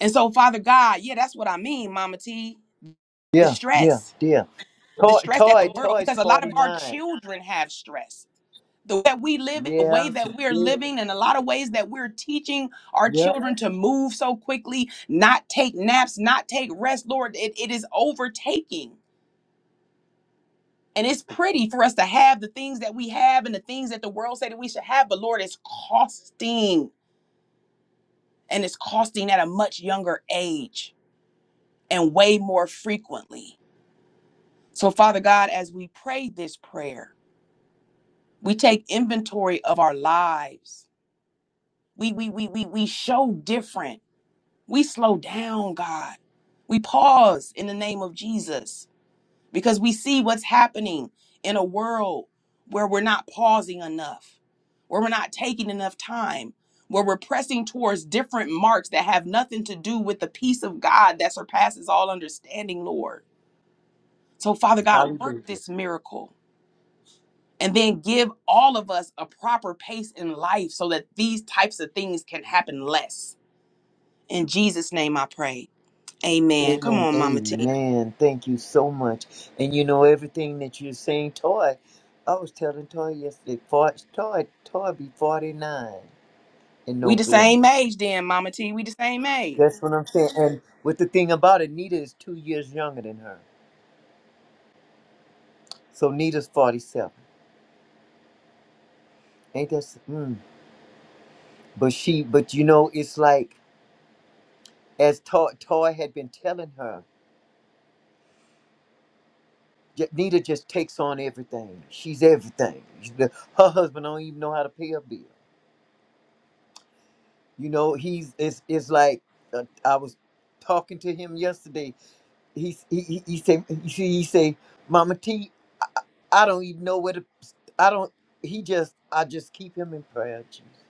And so, Father God, yeah, that's what I mean, Mama T. The Yeah, yeah, stress, yeah. the Toy, stress that the toy, world, toy's because a lot of forty our nine. children have stress. The way that we live, the way Yes, that we're yeah, living, and a lot of ways that we're teaching our yep. children to move so quickly, not take naps, not take rest, Lord, it, it is overtaking. And it's pretty for us to have the things that we have and the things that the world say that we should have, but Lord, it's costing and it's costing at a much younger age and way more frequently. So, Father God, as we pray this prayer, we take inventory of our lives. We we we we we show different. We slow down, God. We pause in the name of Jesus. because we see what's happening in a world where we're not pausing enough, where we're not taking enough time, where we're pressing towards different marks that have nothing to do with the peace of God that surpasses all understanding, Lord. So, Father God, work Hallelujah. this miracle and then give all of us a proper pace in life so that these types of things can happen less. In Jesus' name I pray. Amen. Come Amen, on, Mama T. amen. Thank you so much. And you know everything that you're saying, toy. I was telling toy yesterday. For, toy, toy be forty nine in We the November. same age then, Mama T. We the same age. That's what I'm saying. And with the thing about it, Nita is two years younger than her. So Nita's forty seven. Ain't that? s- Mm. But she, but you know, it's like as toy, toy had been telling her. J- Nita just takes on everything. She's everything. She's the- her husband don't even know how to pay a bill. You know, he's it's it's like uh, I was talking to him yesterday. He he he, he say he, say- he say, Mama T, I don't even know where to. I don't. He just I just keep him in prayer, Jesus.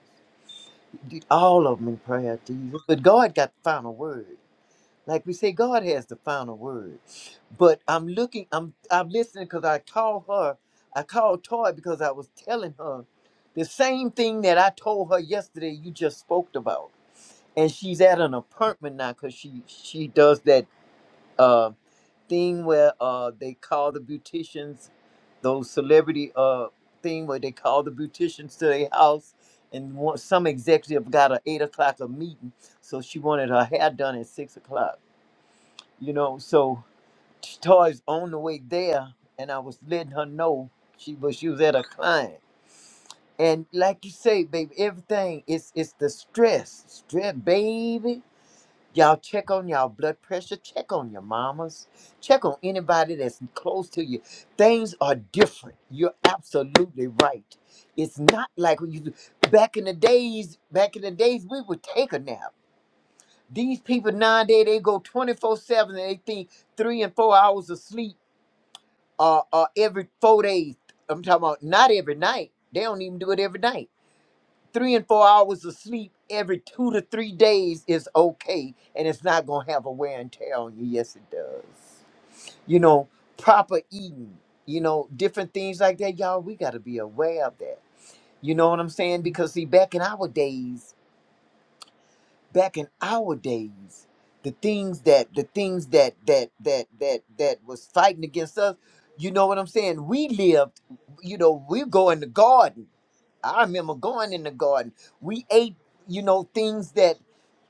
All of them in prayer, Jesus. But God got the final word. like we say god has the final word but i'm looking i'm i'm listening because i called her i called toy because i was telling her the same thing that i told her yesterday you just spoke about and she's at an apartment now because she she does that uh thing where uh they call the beauticians those celebrity uh thing where they call the beauticians to their house and one, some executive got a eight o'clock a meeting so she wanted her hair done at six o'clock you know. So Toys on the way there, and I was letting her know she was she was at a client. And like you say, baby, everything is. it's the stress, stress, baby. Y'all check on y'all blood pressure, check on your mamas, check on anybody that's close to you. Things are different. You're absolutely right. It's not like when you back in the days. Back in the days, we would take a nap. These people nowadays they go 24 7 and they think three and four hours of sleep are uh, every four days. I'm talking about not every night. They don't even do it every night. Three and four hours of sleep every two to three days is okay and it's not gonna have a wear and tear on you. Yes, it does. You know, proper eating, you know, different things like that, y'all, we gotta be aware of that. You know what I'm saying? Because see, back in our days, back in our days the things that the things that that that that that was fighting against us you know what i'm saying we lived you know we go in the garden i remember going in the garden we ate you know things that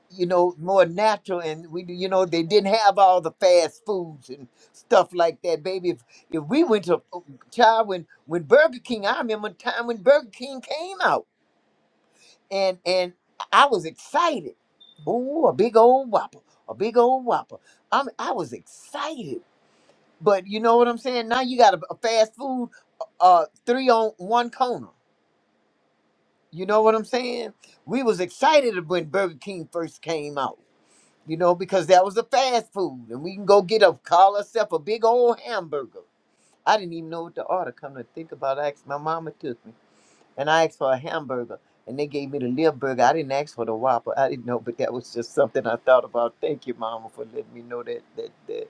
you know more natural and we you know they didn't have all the fast foods and stuff like that baby if if we went to oh, child when when burger king i remember a time when burger king came out and and I was excited. Ooh, a big old whopper, a big old whopper. I mean, I was excited, but you know what I'm saying. Now you got a, a fast food, uh, uh, three on one corner. You know what I'm saying? We was excited when Burger King first came out. You know because that was a fast food, and we can go get a call ourselves a big old hamburger. I didn't even know what to order. Come to think about, it, I asked my mama took me and I asked for a hamburger, and they gave me the little Burger. I didn't ask for the Whopper. I didn't know, but that was just something I thought about. Thank you, Mama, for letting me know that. That that.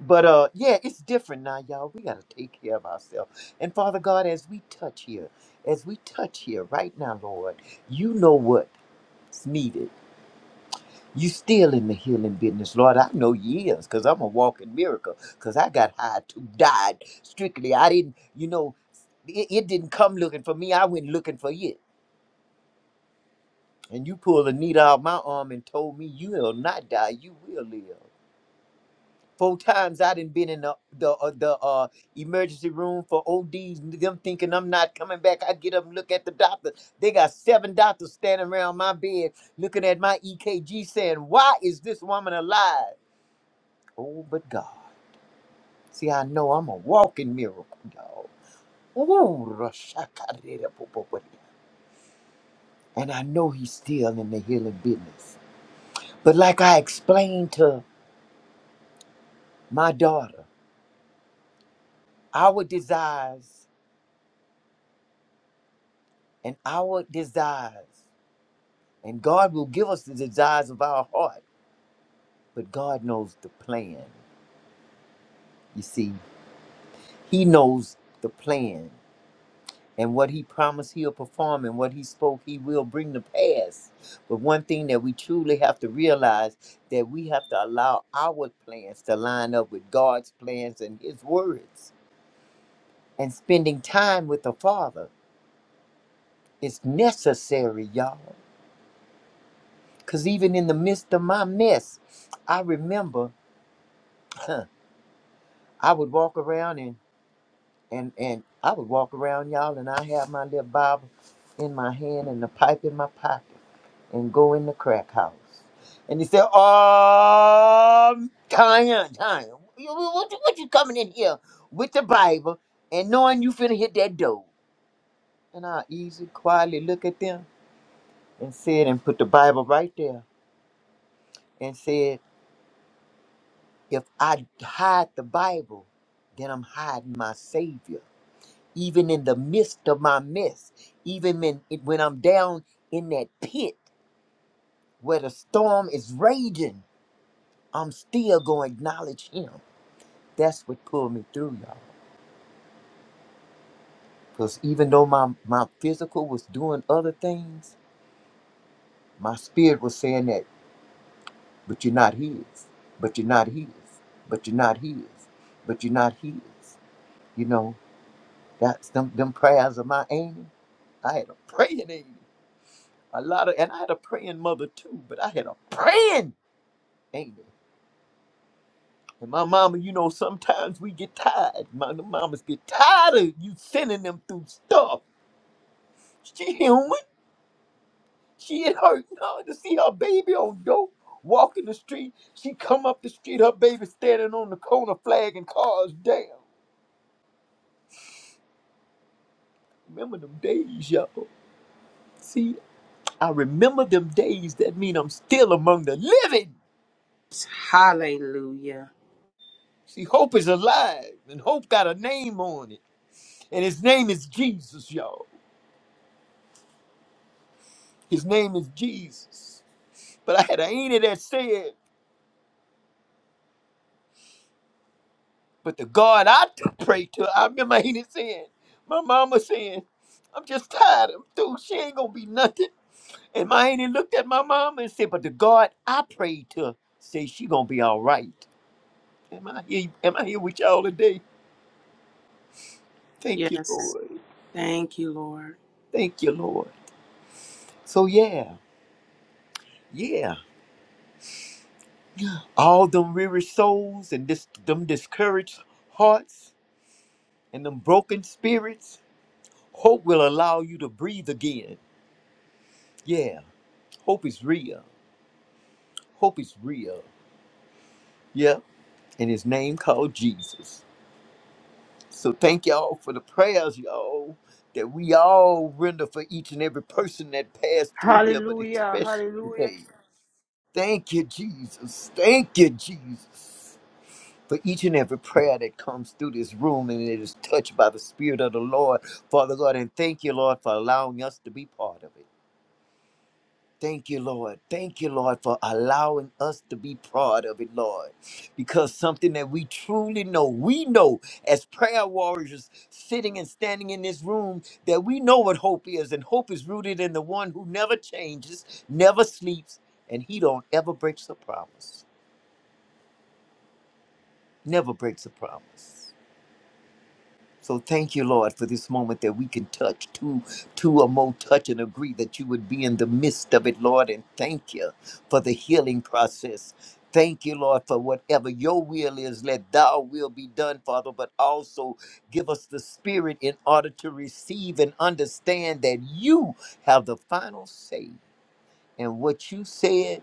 But uh, yeah, it's different now, y'all. We gotta take care of ourselves. And Father God, as we touch here, as we touch here right now, Lord, you know what's needed. You still in the healing business, Lord. I know you is, cause I'm a walking miracle. Cause I got high too, died strictly. I didn't, you know, it, it didn't come looking for me. I went looking for it And you pulled a needle out my arm and told me you will not die, you will live. Four times I done been in the the uh, the uh, emergency room for ODs, and them thinking I'm not coming back. I get up and look at the doctor. They got seven doctors standing around my bed looking at my EKG saying, Why is this woman alive? Oh, but God. See, I know I'm a walking miracle, dog. Ooh, Rashakarerepopopodia. and I know he's still in the healing business. But like I explained to My daughter, our desires and our desires, and God will give us the desires of our heart, but God knows the plan. You see, He knows the plan. And what he promised he'll perform and what he spoke he will bring to pass. But one thing that we truly have to realize that we have to allow our plans to line up with God's plans and his words. And spending time with the Father is necessary, y'all. Because even in the midst of my mess, I remember huh, I would walk around and, and, and I would walk around, y'all, and I have my little Bible in my hand and the pipe in my pocket and go in the crack house. And he said, "Oh, Tanya, Tanya, you- you- what, you- what you coming in here with the Bible and knowing you finna hit that door? And I easy, quietly look at them and said, and put the Bible right there and said, If I hide the Bible, then I'm hiding my Savior. Even in the midst of my mess, even when, when I'm down in that pit where the storm is raging, I'm still going to acknowledge Him. That's what pulled me through, y'all. Because even though my, my physical was doing other things, my spirit was saying that, but you're not His, but you're not His, but you're not His, but you're not His. You know, that's them, them prayers of my angels. I had a praying auntie. A lot of, and I had a praying mother too, but I had a praying auntie. And my mama, you know, sometimes we get tired. My the mamas get tired of you sending them through stuff. She human. She it hurt now to see her baby on dope walking the street. She come up the street, her baby standing on the corner flagging cars down. Remember them days, y'all. See, I remember them days. That mean I'm still among the living. Hallelujah. See, hope is alive, and hope got a name on it. And his name is Jesus, y'all. His name is Jesus. But I had an auntie that said, but the God I t- pray to, I remember my auntie saying, my mama saying, I'm just tired. I'm through. She ain't gonna be nothing. And my auntie looked at my mama and said, but the God I pray to, say she gonna be all right. Am I here? Am I here with y'all today? Thank you, Yes. Lord. Thank you, Lord. Thank you, Lord. So yeah, yeah. all them weary souls and this, them discouraged hearts and them broken spirits, hope will allow you to breathe again. Yeah, hope is real. Hope is real. Yeah, and his name called Jesus. So thank y'all for the prayers, y'all, that we all render for each and every person that passed through here, but Hallelujah. especially Hallelujah. today. Thank you, Jesus. Thank you, Jesus. for each and every prayer that comes through this room and it is touched by the Spirit of the Lord, Father God. And thank you, Lord, for allowing us to be part of it. Thank you, Lord. Thank you, Lord, for allowing us to be part of it, Lord. Because something that we truly know, we know as prayer warriors sitting and standing in this room, that we know what hope is. And hope is rooted in the one who never changes, never sleeps, and he don't ever breaks a promise. Never breaks a promise. So thank you, Lord, for this moment that we can touch two, two or more touch and agree that you would be in the midst of it, Lord. And thank you for the healing process. Thank you, Lord, for whatever your will is, let thy will be done, Father, but also give us the spirit in order to receive and understand that you have the final say. And what you said,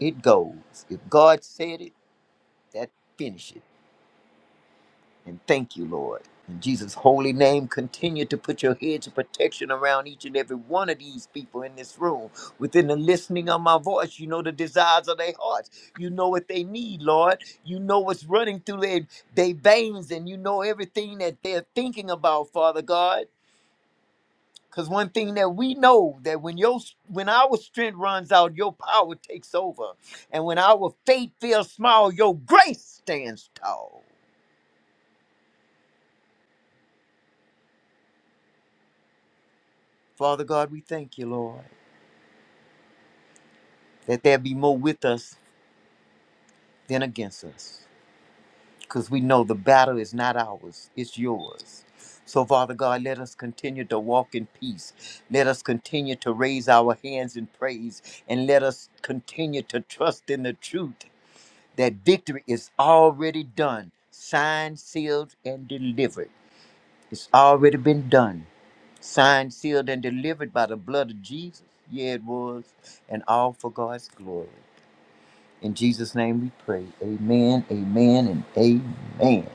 it goes. If God said it, that finishes. it. And thank you, Lord. In Jesus' holy name, continue to put your hedge of protection around each and every one of these people in this room. Within the listening of my voice, you know the desires of their hearts. You know what they need, Lord. You know what's running through their, their veins, and you know everything that they're thinking about, Father God. Because one thing that we know that when your when our strength runs out, your power takes over. And when our faith feels small, your grace stands tall. Father God, we thank you, Lord. that there be more with us than against us. Because we know the battle is not ours, it's yours. So, Father God, let us continue to walk in peace. Let us continue to raise our hands in praise. And let us continue to trust in the truth that victory is already done, signed, sealed, and delivered. It's already been done, signed, sealed, and delivered by the blood of Jesus. Yeah, it was. And all for God's glory. In Jesus' name we pray. Amen, amen, and amen.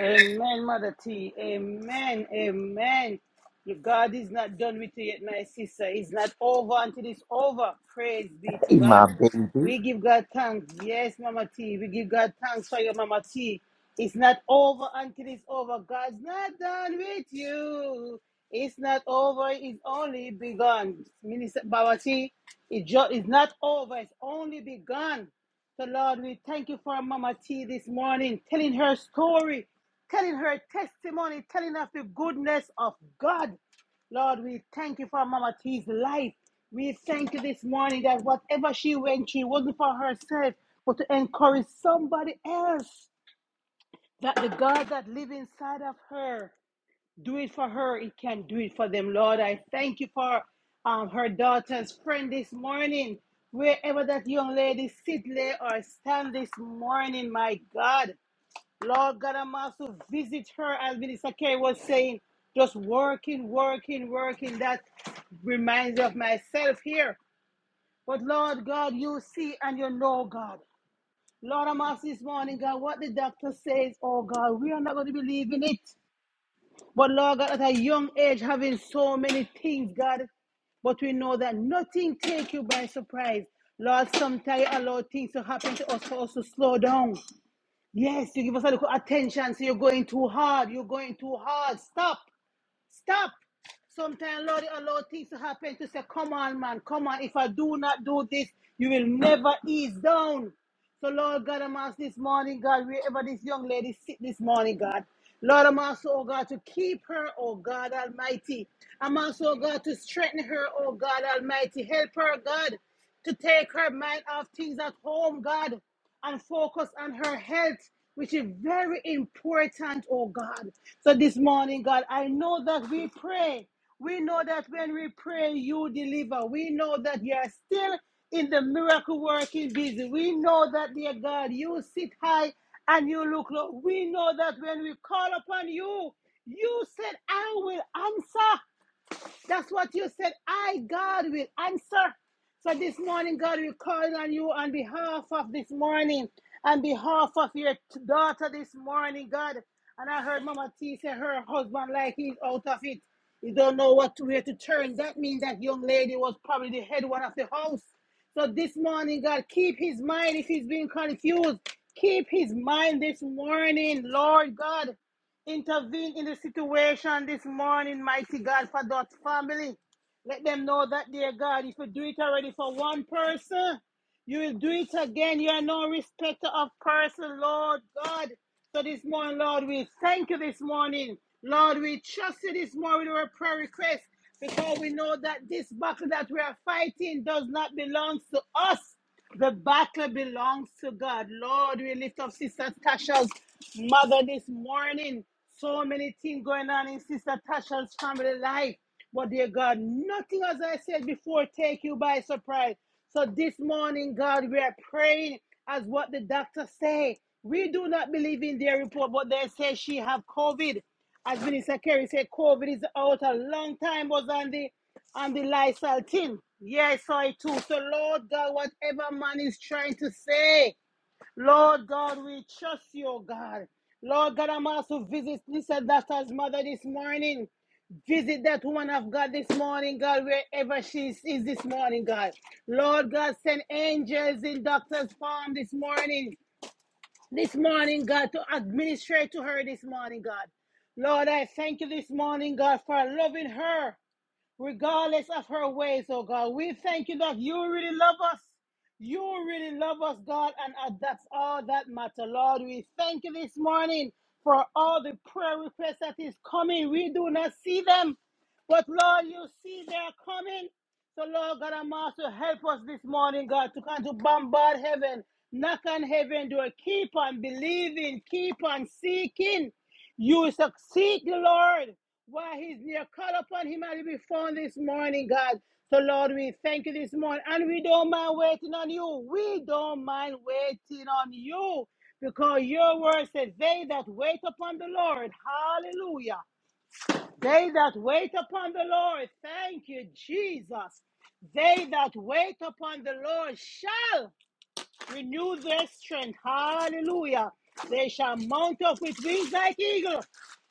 Amen, Mother T. Amen. Amen. Your God is not done with you yet, my sister. It's not over until it's over. Praise be to Hey, God. my baby. We give God thanks. Yes, Mama T. We give God thanks for your Mama T. It's not over until it's over. God's not done with you. It's not over. It's only begun. Minister Mama T, it just. it's not over. It's only begun. So, Lord, we thank you for Mama T this morning, telling her story, telling her testimony, telling us the goodness of God. Lord, we thank you for Mama T's life. We thank you this morning that whatever she went through wasn't for herself, but to encourage somebody else that the God that lives inside of her do it for her. It can do it for them, Lord. I thank you for um, her daughter's friend this morning. Wherever that young lady sit, lay, or stand this morning, my God. Lord God, I'm also visit her, as Minister Kerry was saying, just working, working, working. That reminds me of myself here. But Lord God, you see and you know, God. Lord, I'm asking this morning, God, what the doctor says, oh God, we are not going to believe in it. But Lord God, at a young age, having so many things, God, but we know that nothing take you by surprise. Lord, sometimes you allow things to happen to us for us to slow down. Yes, you give us a little attention, so you're going too hard, you're going too hard. Stop. Stop. Sometimes Lord allow things to happen to say, Come on, man, come on. If I do not do this, you will never ease down. So, Lord God, I'm asking this morning, God, wherever this young lady sit this morning, God. Lord, I'm asking, oh God, to keep her, oh God Almighty. I'm asking, oh God, to strengthen her, oh God Almighty. Help her, God, to take her mind off things at home, God and focus on her health, which is very important, oh God. So this morning, God, I know that we pray. We know that when we pray, you deliver. We know that you are still in the miracle working busy. We know that, dear God, you sit high and you look low. We know that when we call upon you, you said, I will answer. That's what you said. I, God, will answer. So this morning, God will call on you on behalf of this morning, on behalf of your daughter this morning, God. And I heard Mama T say her husband, like he's out of it. He don't know what to where to turn. That means that young lady was probably the head one of the house. So this morning, God, keep his mind if he's being confused. Keep his mind this morning, Lord God. Intervene in the situation this morning, mighty God, for that family. Let them know that, dear God, if you do it already for one person, you will do it again. You are no respecter of person, Lord God. So this morning, Lord, we thank you this morning. Lord, we trust you this morning with our prayer request because we know that this battle that we are fighting does not belong to us. The battle belongs to God. Lord, we lift up Sister Tasha's mother this morning. So many things going on in Sister Tasha's family life. But dear God, nothing as I said before take you by surprise. So this morning, God, we are praying as what the doctor say. We do not believe in their report, but they say she have COVID. As Minister Kerry said, COVID is out a long time was on the on the Lysol tin. Yes, I too. So Lord God, whatever man is trying to say. Lord God, we trust you, oh God. Lord God, I'm also visit Lisa Doctor's mother this morning. Visit that woman of God this morning, God, wherever she is is this morning, God. Lord God, send angels in Doctor's farm this morning. This morning, God, to administrate to her this morning, God. Lord, I thank you this morning, God, for loving her regardless of her ways, oh God. We thank you that you really love us. You really love us, God, and uh, that's all that matters, Lord. We thank you this morning for all the prayer requests that is coming. We do not see them, but Lord, you see they are coming. So, Lord God, I'm also help us this morning, God, to come to bombard heaven, knock on heaven door, keep on believing, keep on seeking. You succeed, Lord. Why he's there. Call upon him and he'll be found this morning, God. So, Lord, we thank you this morning. And we don't mind waiting on you. We don't mind waiting on you. Because your word says, They that wait upon the Lord, hallelujah. They that wait upon the Lord, thank you, Jesus. They that wait upon the Lord shall. Renew their strength. Hallelujah. They shall mount up with wings like eagle.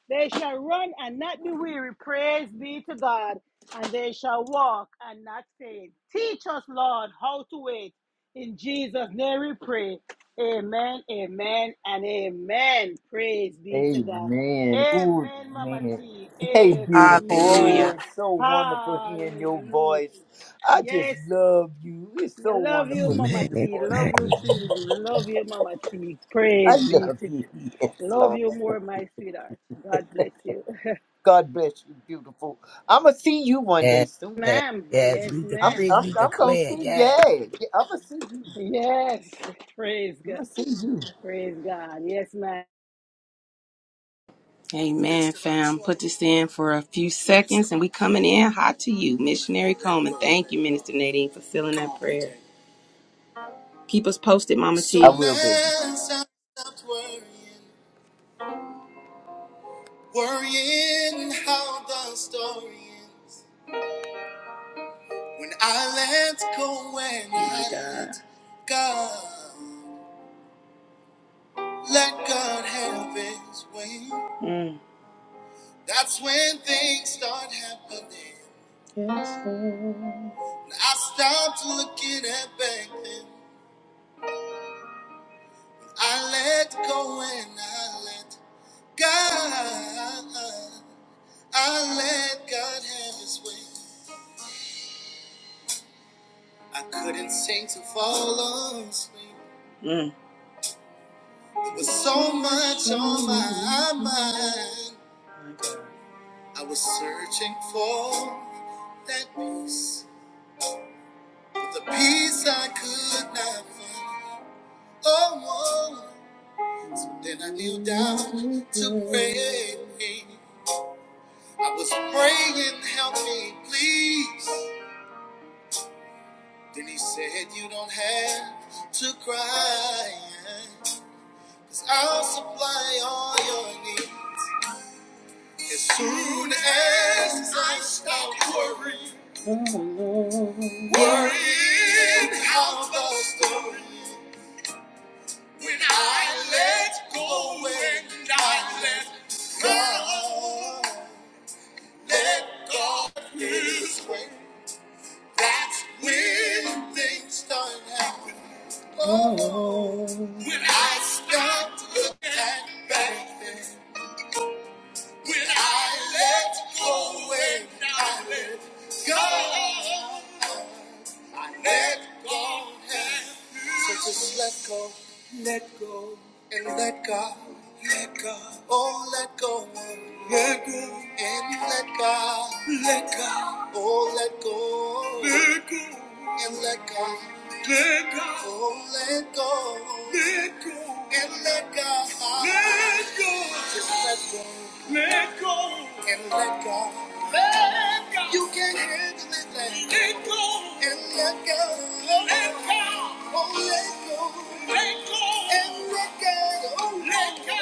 They shall run and not be weary. Praise be to God. And they shall walk and not faint. Teach us, Lord, how to wait. In Jesus' name we pray. Amen, amen, and amen. Praise be to God. Amen. Ooh, Amen, Mama man. T. Hey, beautiful. Amen. Oh, Hallelujah. it's so wonderful hearing your Hallelujah. voice. I just Yes, love you. It's so you love you, wonderful hearing Mama Amen. your T. voice. Love you, Amen. sweet. Love you, Mama T. I Praise be love to you. Yes, Love Lord. you more, my sweetheart. God bless you. God bless you, beautiful. I'm going to see you one day Yes, soon. yes, ma'am. yes. Yes, We I'm, ma'am. decree, I'm, we I'm going to declare, see, yes. yeah. yeah I'm going to see you. Yes. Praise I'm God. going to see you. Praise God. Yes, ma'am. Amen, fam. Put this in for a few seconds and we coming in hot to you. Missionary Coleman. Thank you, Minister Nadine, for filling that prayer. Keep us posted, Mama I T. So will, baby. now stop- worrying, worrying how the story ends. When I let go, when I God. let God, let God have his way. That's when things start happening. Yes, Lord. I stopped looking at back then. I let go and I let God. I let God have His way. I couldn't seem to fall asleep. Mm. There was so much on my mind. I was searching for that peace. The peace I could not find. Oh, oh. so then I kneeled down to pray. I was praying, help me, please. Then he said, You don't have to cry, i I'll supply all your needs. As soon as I stop worrying, worrying how the story. When I let go, when I let go, let go of His way. That's when things start happening. Oh, when I start looking back When I let go, when I let go, Let go. So just let go. Let go. And let God. Let God. Oh, let go. Let go. And let God. Let God. Oh, let go. Let go. And let God. Let God. Oh, let go. Let go. And let God. Let go. Just let go. Let go. And let God. You can handle it let let go and let go. Let go. Oh, let go. Let go. And let go. Oh, let go.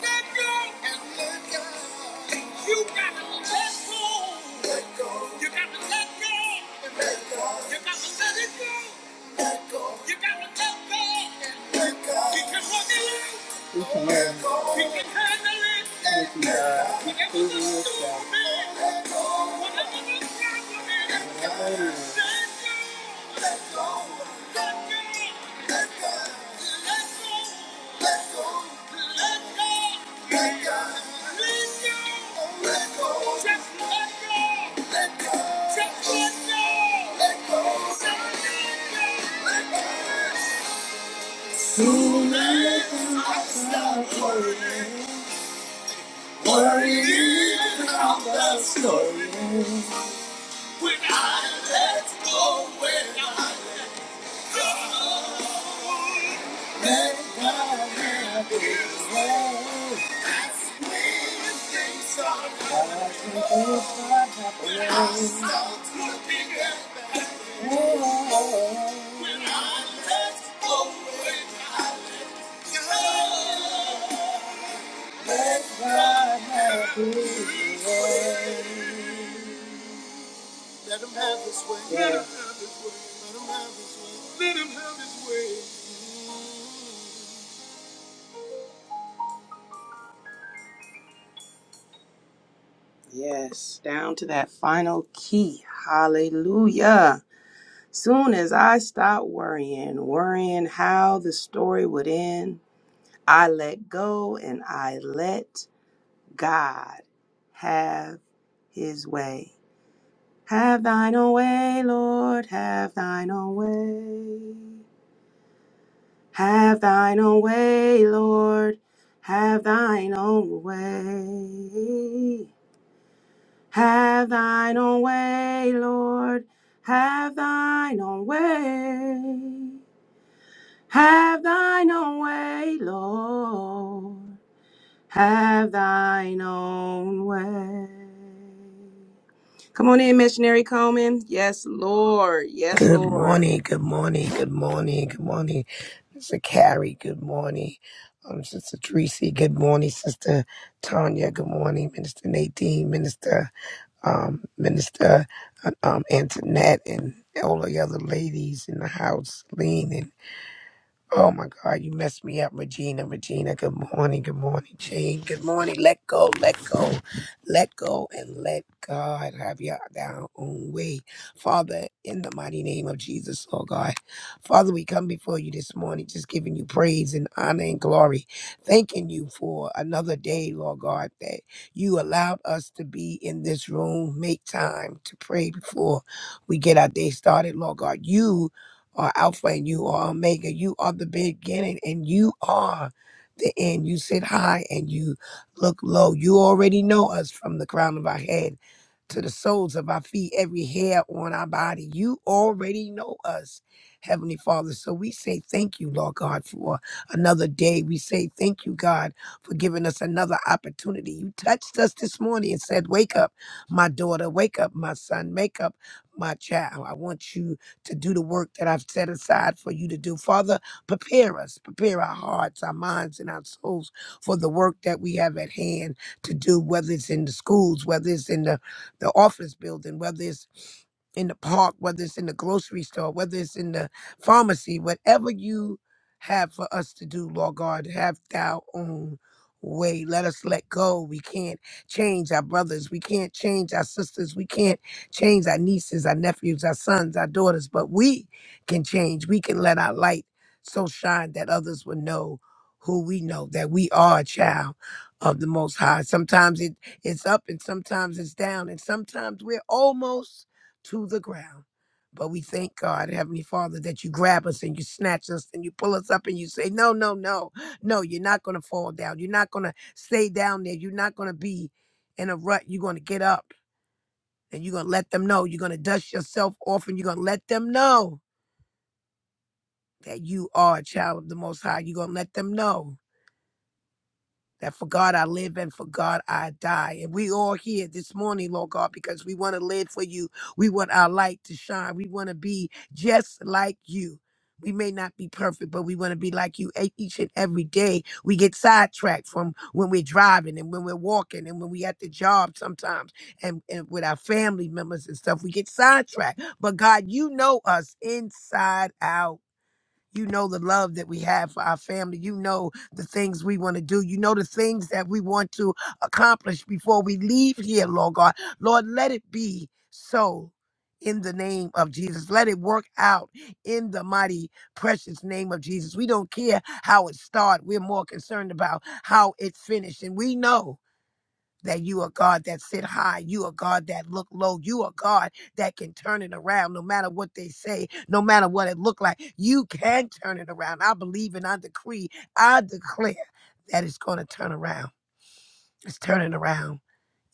Let go. And let go. You gotta let go. Let go. You gotta let go. And Let go. You gotta let it go. Let go. You gotta let go. And Let go. You can walk it out. You can handle it with uh, previous stuff. Nice. Soon as I stop worrying. Worry about the story. When I let go, when I let go. When I start looking at the whole, when I let go, when I have his way. Let him have his way. Let him have his way. Let him have his way. Let him have his way. Yes, down to that final key. Hallelujah. Soon as I stopped worrying, worrying how the story would end, I let go and I let God have his way. Have thine own way, Lord, have thine own way. Have thine own way, Lord, have thine own way. Have thine own way, Lord, have thine own way. Have thine own way, Lord. Have thine own way. Come on in, missionary Coleman. Yes, Lord. Yes, Good Lord. morning, good morning, good morning, good morning. Mr. Carrie, good morning. Um, Sister Tracy, good morning. Sister Tanya, good morning. Minister Nadine, Minister, um, Minister uh, um, Antoinette, and all the other ladies in the house, Lean. Oh my God, you messed me up, Regina. Regina, good morning. Good morning, Jean. Good morning. Let go, let go, let go, and let God have your down own way. Father, in the mighty name of Jesus, Lord God. Father, we come before you this morning just giving you praise and honor and glory. Thanking you for another day, Lord God, that you allowed us to be in this room, make time to pray before we get our day started, Lord God. You are Alpha and you are Omega. You are the beginning and you are the end. You sit high and you look low. You already know us from the crown of our head to the soles of our feet, every hair on our body. You already know us, Heavenly Father. So we say thank you, Lord God, for another day. We say thank you, God, for giving us another opportunity. You touched us this morning and said, Wake up, my daughter. Wake up, my son. Wake up, my child. I want you to do the work that I've set aside for you to do. Father, prepare us, prepare our hearts, our minds, and our souls for the work that we have at hand to do, whether it's in the schools, whether it's in the, the office building, whether it's in the park, whether it's in the grocery store, whether it's in the pharmacy, whatever you have for us to do, Lord God, have thou own way. Let us let go. We can't change our brothers. We can't change our sisters. We can't change our nieces, our nephews, our sons, our daughters, but we can change. We can let our light so shine that others will know who we know, that we are a child of the Most High. Sometimes it, it's up and sometimes it's down, and sometimes we're almost to the ground. But we thank God, Heavenly Father, that you grab us and you snatch us and you pull us up and you say, No, no, no, no, you're not going to fall down. You're not going to stay down there. You're not going to be in a rut. You're going to get up and you're going to let them know. You're going to dust yourself off and you're going to let them know that you are a child of the Most High. You're going to let them know that for God I live and for God I die. And we all here this morning, Lord God, because we want to live for you. We want our light to shine. We want to be just like you. We may not be perfect, but we want to be like you e- each and every day. We get sidetracked from when we're driving and when we're walking and when we at the job sometimes and, and with our family members and stuff. We get sidetracked. But God, you know us inside out. You know the love that we have for our family. You know the things we want to do. You know the things that we want to accomplish before we leave here, Lord God. Lord, let it be so in the name of Jesus. Let it work out in the mighty, precious name of Jesus. We don't care how it started. We're more concerned about how it finished. And we know that you are God that sit high. You are God that look low. You are God that can turn it around no matter what they say, no matter what it look like. You can turn it around. I believe and I decree, I declare that it's going to turn around. It's turning around.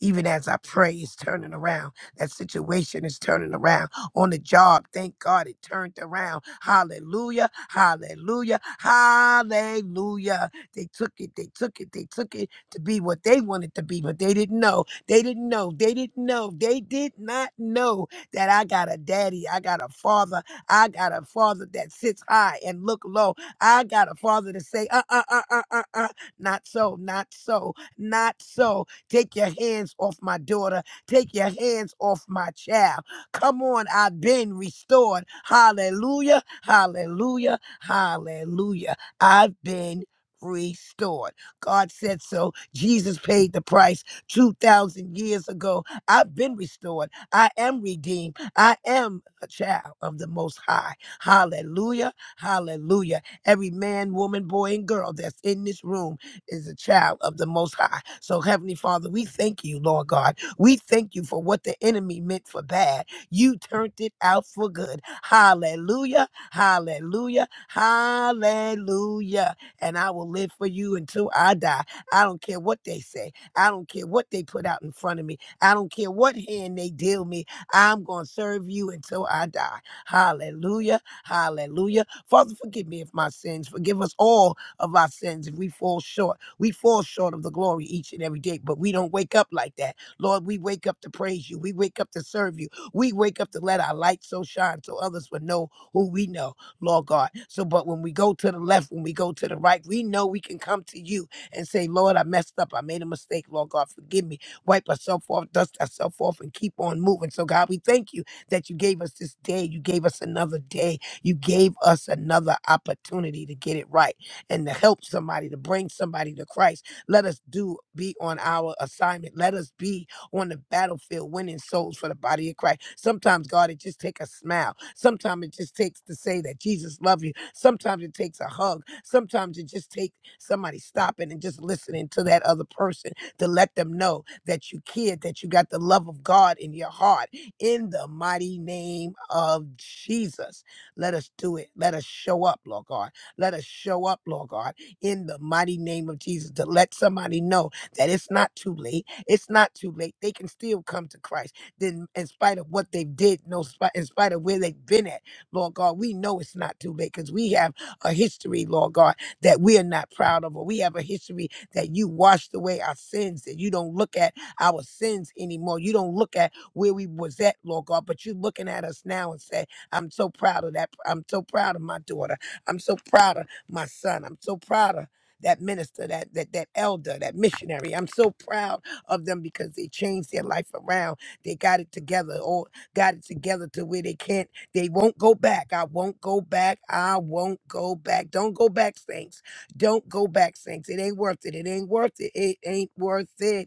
Even as I pray, it's turning around. That situation is turning around. On the job, thank God it turned around. Hallelujah, hallelujah, hallelujah. They took it, they took it, they took it to be what they wanted to be, but they didn't know. They didn't know. They didn't know. They did not know that I got a daddy. I got a father. I got a father that sits high and look low. I got a father to say, uh, uh, uh, uh, uh, uh, not so, not so, not so. Take your hands off my daughter. Take your hands off my child. Come on, I've been restored. Hallelujah, hallelujah, hallelujah. I've been restored. God said so. Jesus paid the price 2,000 years ago. I've been restored. I am redeemed. I am a child of the Most High. Hallelujah, hallelujah. Every man, woman, boy, and girl that's in this room is a child of the Most High. So, Heavenly Father, we thank you, Lord God. We thank you for what the enemy meant for bad. You turned it out for good. Hallelujah, hallelujah, hallelujah. And I will live for you until I die. I don't care what they say. I don't care what they put out in front of me. I don't care what hand they deal me. I'm going to serve you until I die. Hallelujah, hallelujah. Father, forgive me of my sins. Forgive us all of our sins if we fall short we fall short of the glory each and every day, but we don't wake up like that. Lord, we wake up to praise you. We wake up to serve you. We wake up to let our light so shine so others will know who we know, Lord God. So, but when we go to the left, when we go to the right, we know we can come to you and say, Lord, I messed up. I made a mistake. Lord God, forgive me. Wipe ourselves off, dust ourselves off, and keep on moving. So, God, we thank you that you gave us this day. You gave us another day. You gave us another opportunity to get it right and to help somebody, to bring somebody to Christ. Let us do be on our assignment. Let us be on the battlefield winning souls for the body of Christ. Sometimes, God, it just takes a smile. Sometimes it just takes to say that Jesus loves you. Sometimes it takes a hug. Sometimes it just takes somebody stopping and just listening to that other person to let them know that you care, that you got the love of God in your heart. In the mighty name of Jesus, let us do it. Let us show up, Lord God. Let us show up, Lord God, in the mighty name of Jesus to let somebody know that it's not too late. It's not too late. They can still come to Christ. Then, in spite of what they did, no, spi- in spite of where they've been at, Lord God, we know it's not too late because we have a history, Lord God, that we are not proud of, or we have a history that you washed away our sins, that you don't look at our sins anymore. You don't look at where we was at, Lord God, but you're looking at us now and say, I'm so proud of that. I'm so proud of my daughter. I'm so proud of my son. I'm so proud of that minister, that that that elder, that missionary. I'm so proud of them because they changed their life around. They got it together or got it together to where they can't, they won't go back. I won't go back. I won't go back. Don't go back, saints. Don't go back, saints. It ain't worth it. It ain't worth it. It ain't worth it.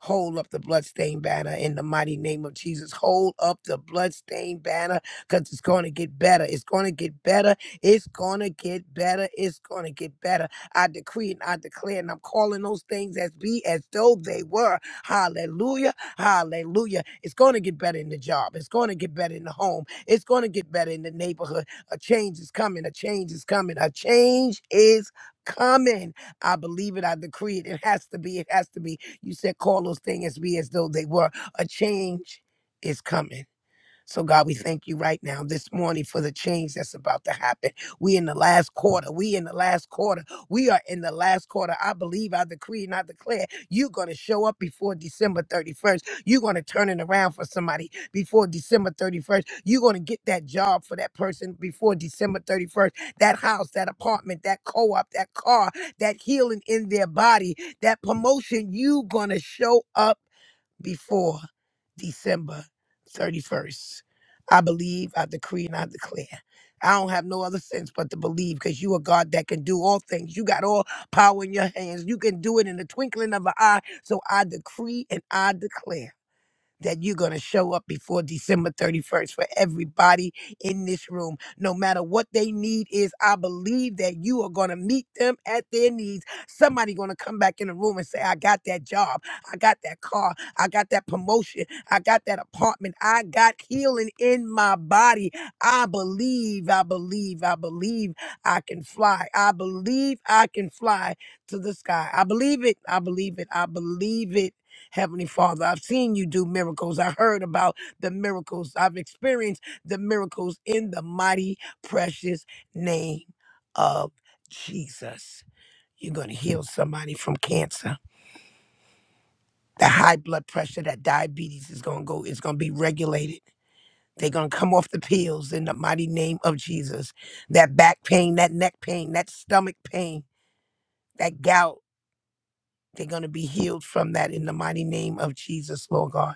Hold up the bloodstained banner in the mighty name of Jesus. Hold up the bloodstained banner because it's going to get better. It's going to get better. It's going to get better. It's going to get better. I decree and I declare, and I'm calling those things as be as though they were. Hallelujah. Hallelujah. It's going to get better in the job. It's going to get better in the home. It's going to get better in the neighborhood. A change is coming. A change is coming. A change is coming. I believe it. I decree it. It has to be. It has to be. You said call those things as be as though they were. A change is coming. So, God, we thank you right now this morning for the change that's about to happen. We in the last quarter. We in the last quarter. We are in the last quarter. I believe, I decree, and I declare you're going to show up before December 31st. You're going to turn it around for somebody before December 31st. You're going to get that job for that person before December 31st. That house, that apartment, that co op, that car, that healing in their body, that promotion, you going to show up before. December 31st. I believe, I decree, and I declare. I don't have no other sense but to believe because you are God that can do all things. You got all power in your hands. You can do it in the twinkling of an eye. So I decree and I declare that you're going to show up before December 31st for everybody in this room. No matter what they need is, I believe that you are going to meet them at their needs. Somebody going to come back in the room and say, I got that job. I got that car. I got that promotion. I got that apartment. I got healing in my body. I believe, I believe, I believe I can fly. I believe I can fly to the sky. I believe it. I believe it. I believe it. Heavenly Father, I've seen you do miracles. I heard about the miracles. I've experienced the miracles in the mighty, precious name of Jesus. You're going to heal somebody from cancer. The high blood pressure, that diabetes is going to go, it's going to be regulated. They're going to come off the pills in the mighty name of Jesus. That back pain, that neck pain, that stomach pain, that gout, they're going to be healed from that in the mighty name of Jesus, Lord God.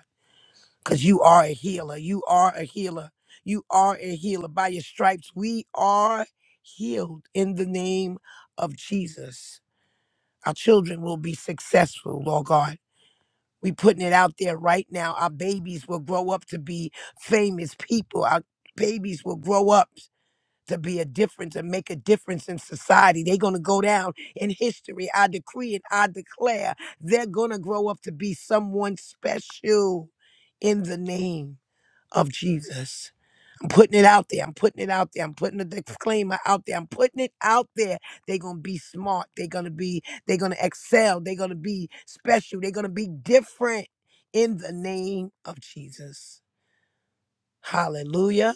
because you are a healer. You are a healer. You are a healer. By your stripes, we are healed in the name of Jesus. Our children will be successful, Lord God. We putting it out there right now. Our babies will grow up to be famous people. Our babies will grow up to be a difference and make a difference in society. They're going to go down in history. I decree and I declare they're going to grow up to be someone special in the name of Jesus. I'm putting it out there. I'm putting it out there. I'm putting the disclaimer out there. I'm putting it out there. They're gonna be smart. They're gonna be, they're gonna excel. They're gonna be special. They're gonna be different in the name of Jesus. Hallelujah.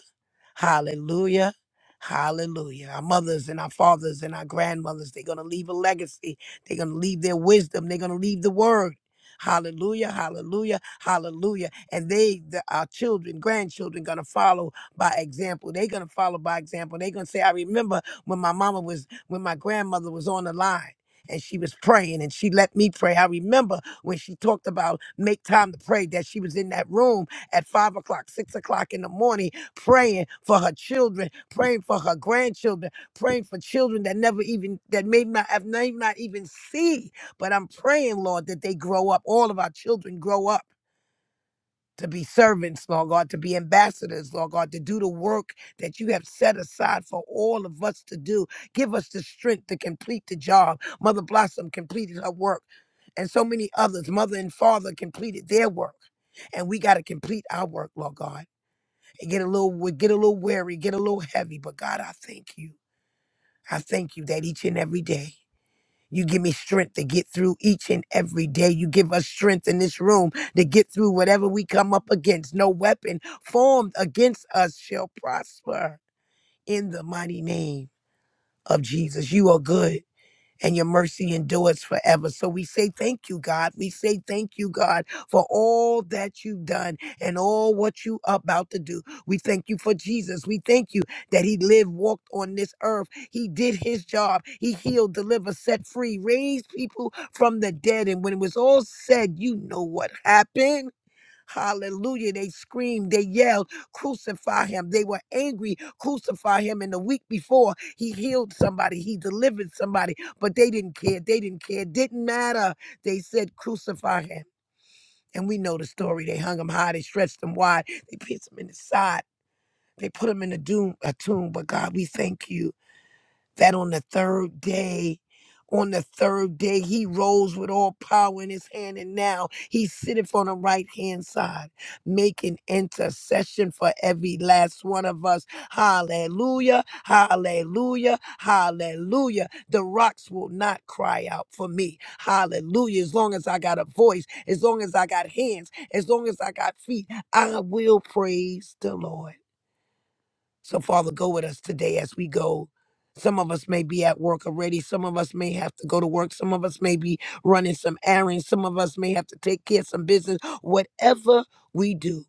Hallelujah. Hallelujah. Our mothers and our fathers and our grandmothers, they're going to leave a legacy. They're going to leave their wisdom. They're going to leave the word. Hallelujah, hallelujah, hallelujah. And they, the, our children, grandchildren, going to follow by example. They're going to follow by example. They're going to say, I remember when my mama was, when my grandmother was on the line and she was praying and she let me pray. I remember when she talked about make time to pray that she was in that room at five o'clock, six o'clock in the morning praying for her children, praying for her grandchildren, praying for children that never even that may not have may not even see. But I'm praying, Lord, that they grow up. All of our children grow up to be servants, Lord God, to be ambassadors, Lord God, to do the work that you have set aside for all of us to do. Give us the strength to complete the job. Mother Blossom completed her work, and so many others, mother and father, completed their work. And we got to complete our work, Lord God. It get a little we get a little weary, get a little heavy, but God, I thank you. I thank you that each and every day you give me strength to get through each and every day. You give us strength in this room to get through whatever we come up against. No weapon formed against us shall prosper in the mighty name of Jesus. You are good and your mercy endures forever. So we say thank you, God. We say thank you, God, for all that you've done and all what you about to do. We thank you for Jesus. We thank you that he lived, walked on this earth. He did his job. He healed, delivered, set free, raised people from the dead. And when it was all said, you know what happened. Hallelujah. They screamed, they yelled, crucify him. They were angry, crucify him. And the week before, he healed somebody, he delivered somebody, but they didn't care. They didn't care. Didn't matter. They said, crucify him. And we know the story. They hung him high, they stretched him wide, they pierced him in the side, they put him in a, doom, a tomb. But God, we thank you that on the third day, on the third day, he rose with all power in his hand, and now he sitteth on the right hand side, making intercession for every last one of us. Hallelujah, hallelujah, hallelujah. The rocks will not cry out for me. Hallelujah. As long as I got a voice, as long as I got hands, as long as I got feet, I will praise the Lord. So, Father, go with us today as we go. Some of us may be at work already. Some of us may have to go to work. Some of us may be running some errands. Some of us may have to take care of some business. Whatever we do,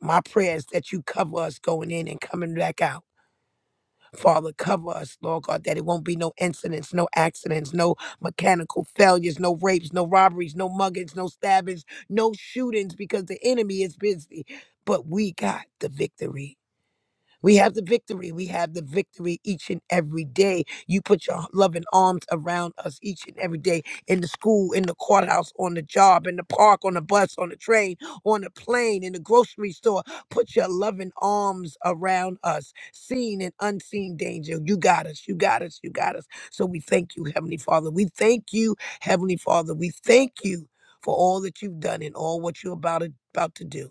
my prayer is that you cover us going in and coming back out. Father, cover us, Lord God, that it won't be no incidents, no accidents, no mechanical failures, no rapes, no robberies, no muggings, no stabbings, no shootings, because the enemy is busy. But we got the victory. We have the victory. We have the victory each and every day. You put your loving arms around us each and every day in the school, in the courthouse, on the job, in the park, on the bus, on the train, on the plane, in the grocery store. Put your loving arms around us, seen and unseen danger. You got us. You got us. You got us. So we thank you, Heavenly Father. We thank you, Heavenly Father. We thank you for all that you've done and all what you're about, about to do.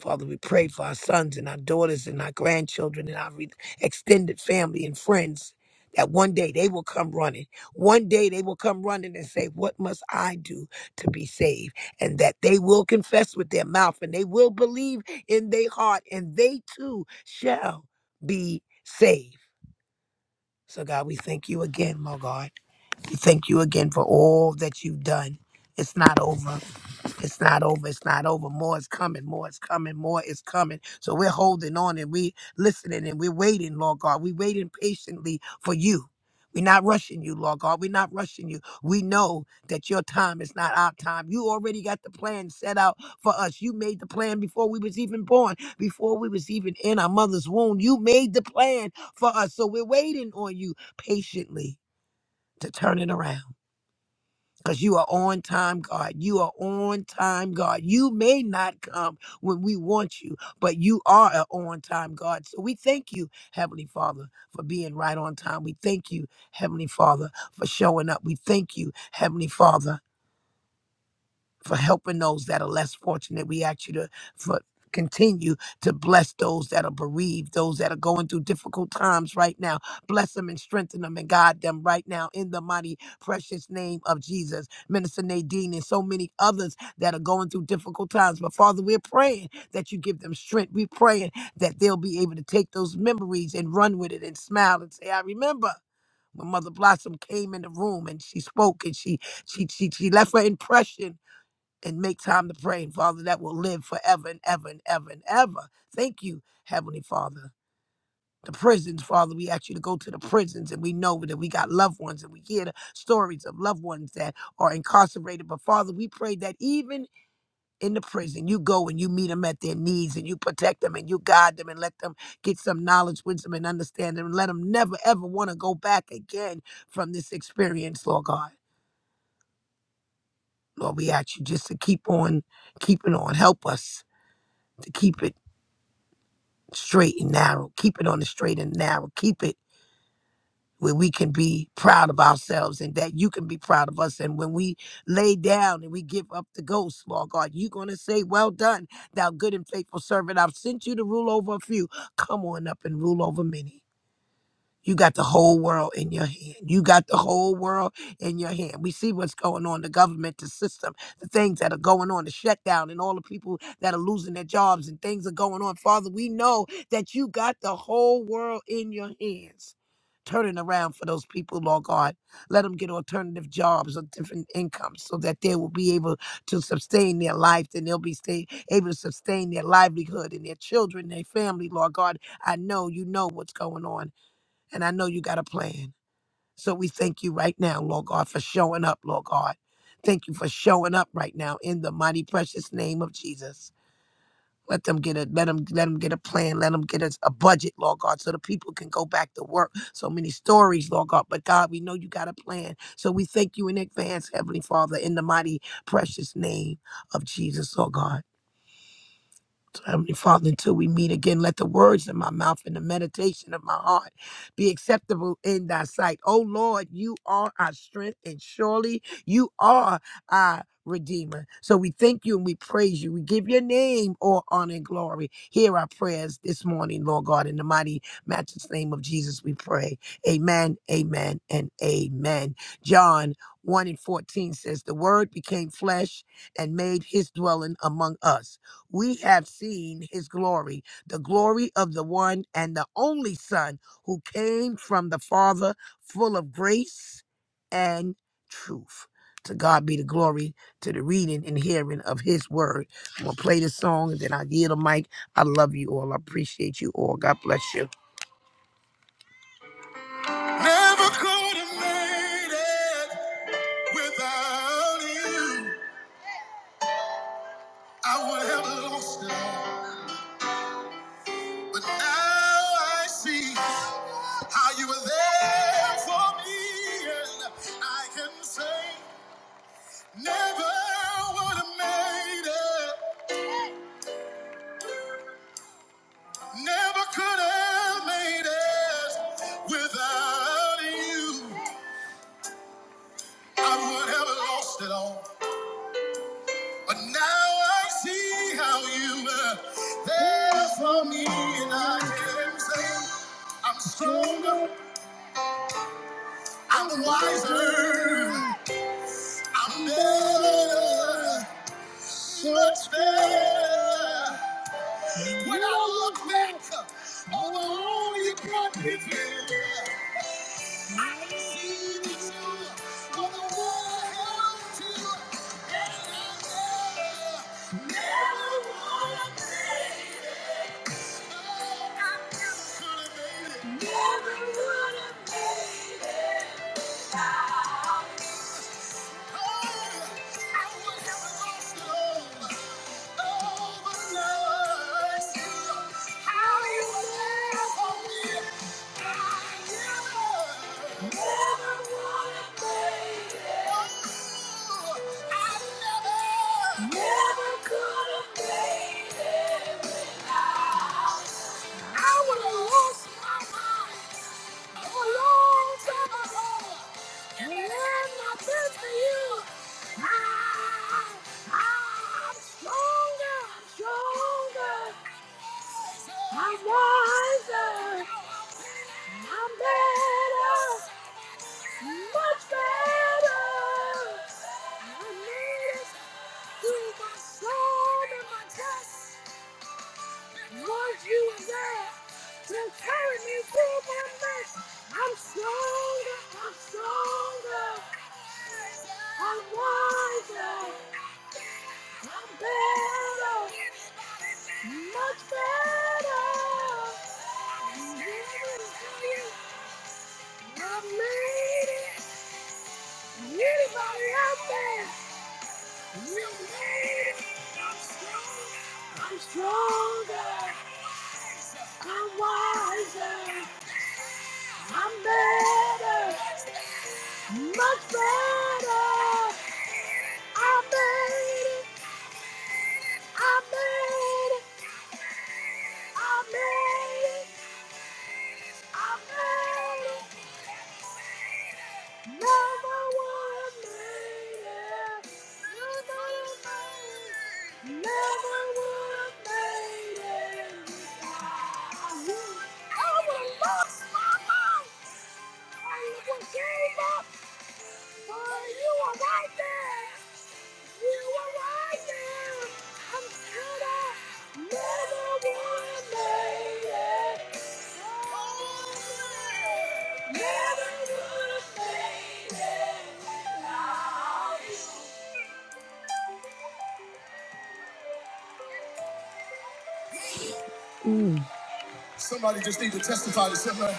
Father, we pray for our sons and our daughters and our grandchildren and our re- extended family and friends that one day they will come running. One day they will come running and say, What must I do to be saved? And that they will confess with their mouth and they will believe in their heart and they too shall be saved. So, God, we thank you again, my God. Thank you again for all that you've done. It's not over. It's not over. It's not over. More is coming. More is coming. More is coming. So we're holding on and we listening and we're waiting, Lord God. We're waiting patiently for you. We're not rushing you, Lord God. We're not rushing you. We know that your time is not our time. You already got the plan set out for us. You made the plan before we was even born, before we was even in our mother's womb. You made the plan for us. So we're waiting on you patiently to turn it around. Because you are on time, God. You are on time, God. You may not come when we want you, but you are an on time, God. So we thank you, Heavenly Father, for being right on time. We thank you, Heavenly Father, for showing up. We thank you, Heavenly Father for helping those that are less fortunate. We ask you to for continue to bless those that are bereaved, those that are going through difficult times right now. Bless them and strengthen them and guide them right now in the mighty precious name of Jesus. Minister Nadine and so many others that are going through difficult times. But Father, we're praying that you give them strength. We're praying that they'll be able to take those memories and run with it and smile and say, I remember. When Mother Blossom came in the room and she spoke and she she she, she left her impression and make time to pray, and Father, that will live forever and ever and ever and ever. Thank you, Heavenly Father. The prisons, Father, we ask you to go to the prisons, and we know that we got loved ones, and we hear the stories of loved ones that are incarcerated. But Father, we pray that even in the prison, you go and you meet them at their needs, and you protect them, and you guide them, and let them get some knowledge, wisdom, and understanding, and let them never ever want to go back again from this experience, Lord God. Lord, we ask you just to keep on keeping on. Help us to keep it straight and narrow. Keep it on the straight and narrow. Keep it where we can be proud of ourselves and that you can be proud of us. And when we lay down and we give up the ghost, Lord God, you're going to say, Well done, thou good and faithful servant. I've sent you to rule over a few. Come on up and rule over many. You got the whole world in your hand. You got the whole world in your hand. We see what's going on, the government, the system, the things that are going on, the shutdown, and all the people that are losing their jobs and things are going on. Father, we know that you got the whole world in your hands. Turning around for those people, Lord God. Let them get alternative jobs or different incomes so that they will be able to sustain their life and they'll be stay, able to sustain their livelihood and their children, their family, Lord God. I know you know what's going on. And I know you got a plan. So we thank you right now, Lord God, for showing up, Lord God. Thank you for showing up right now in the mighty precious name of Jesus. Let them get a let them let them get a plan. Let them get us a budget, Lord God, so the people can go back to work. So many stories, Lord God. But God, we know you got a plan. So we thank you in advance, Heavenly Father, in the mighty precious name of Jesus, Lord God. Heavenly Father, until we meet again, let the words of my mouth and the meditation of my heart be acceptable in thy sight. O Lord, you are our strength, and surely you are our Redeemer. So we thank you and we praise you. We give your name all honor and glory. Hear our prayers this morning, Lord God. In the mighty, matchless name of Jesus, we pray. Amen, amen, and amen. John 1 and 14 says, The word became flesh and made his dwelling among us we have seen his glory, the glory of the one and the only Son who came from the Father, full of grace and truth. To God be the glory to the reading and hearing of his word. I'm going to play this song and then I yield the mic. I love you all. I appreciate you all. God bless you. Never could have made it without you. I would have lost it all. But now I see. How you were there for me, and I can say, never would have made it, never could have made it without you. I would have lost it all, but now I see how you were there for me, and I can say, I'm stronger, I'm wiser, I'm better. much better. When I look back on the road you brought me through, I can see that you were the world held to, and I never, never would have made it. Oh, I never could have made it. Never would have made it. without Oh, I would have lost it all. Never could have made it without. I would have lost my mind a long time ago. And it had not been for you. I, I, I'm stronger, I'm stronger. I'm wiser, I'm better, much better. I made it through my storm and my test. Lord, you are there to carry me through my mess. I'm stronger, I'm stronger, I'm wiser, I'm better, much better. I made it. Anybody out there, you made it. I'm stronger, I'm stronger, I'm wiser. I'm better, much better. I made it, I made it, I made it you. gave up. but you were Right there. Somebody just need to testify to somebody.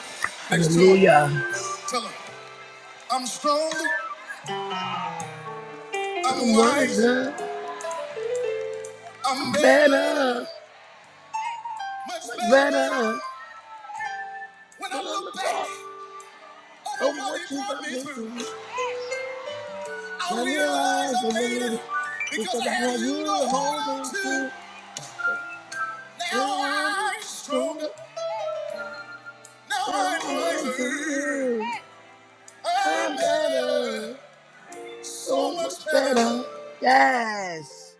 Next to 'em. Hallelujah. Tell them, I'm strong, I'm wise, Wiser, I'm better, better, much better. better. When I When I look look back back over over what what he you brought brought me me through, through, I realize I made it because I had you to hold on to. Now I'm stronger. Now I'm wiser. I'm better. So much better. Yes.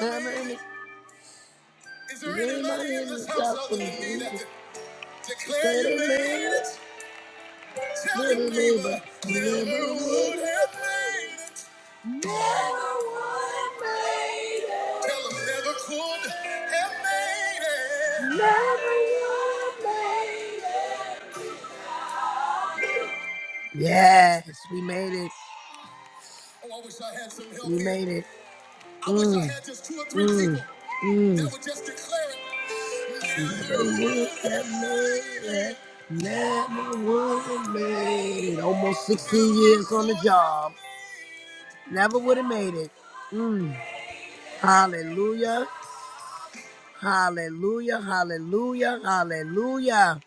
I made it. Is there anybody in this house other than me that declare you made it? Tell never would have made it. Never would have made it. Tell them never could have made it. Never would have made it. Yes, we made it. Oh, I wish I had some help. We here. made it. I wish I had just two or three Mm, people mm. that would just declare it. Never would have made it. Almost 16 years on the job. Never would have made it. Hallelujah. Hallelujah. Hallelujah. Hallelujah.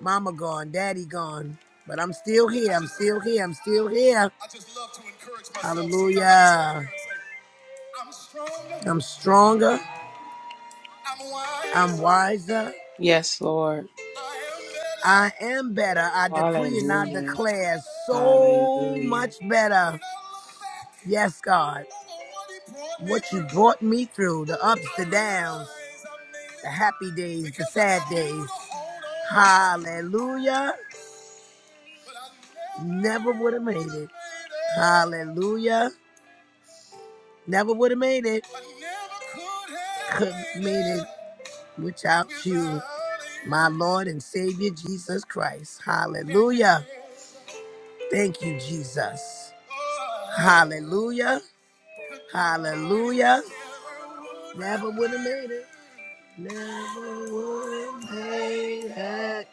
Mama gone, daddy gone. But I'm still here. I'm still here. I'm still here. I just love to encourage myself. Hallelujah. I'm stronger. I'm stronger. I'm wiser. Yes, Lord. I am better. I decree and I Hallelujah. declare so Hallelujah. much better. Yes, God. What you brought me through, the ups, the downs, the happy days, the sad days. Hallelujah. Never would have made it. Hallelujah. Never would have made it. Could have made it without you, my Lord and Savior Jesus Christ. Hallelujah. Thank you, Jesus. Hallelujah. Hallelujah. Never would have made it. Never would have made it.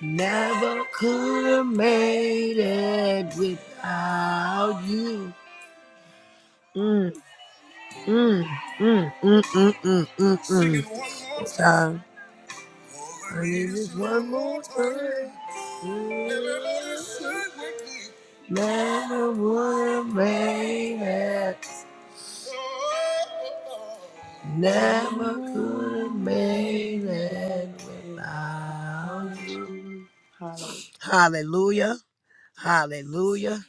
Never could have made it without you. Mm, mm, mm, mm, mm, mm, mm, mm. Praise one more time. Never would have made it. I Never never could have made would have it without without you. you. Hallelujah. Hallelujah. Hallelujah.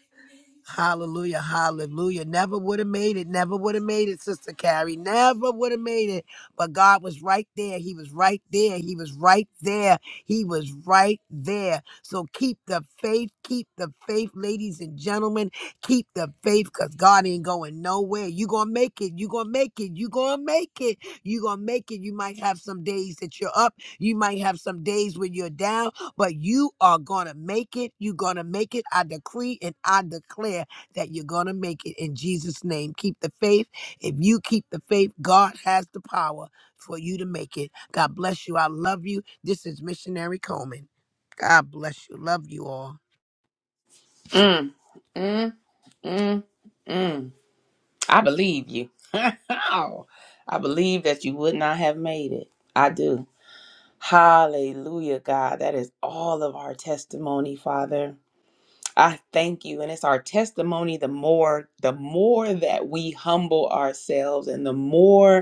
Hallelujah, hallelujah. Never would have made it. Never would have made it, Sister Carrie. Never would have made it. But God was right there. He was right there. He was right there. He was right there. So keep the faith. Keep the faith, ladies and gentlemen. Keep the faith because God ain't going nowhere. you going to make it. you going to make it. you going to make it. you going to make it. You might have some days that you're up. You might have some days when you're down but you are going to make it. You're going to make it. I decree and I declare that you're going to make it in Jesus' name. Keep the faith. If you keep the faith, God has the power for you to make it. God bless you. I love you. This is Missionary Coleman. God bless you. Love you all. Mm, mm, mm, mm. I believe you. I believe that you would not have made it. I do. Hallelujah, God. That is all of our testimony, Father. I thank you. And it's our testimony the more, the more that we humble ourselves and the more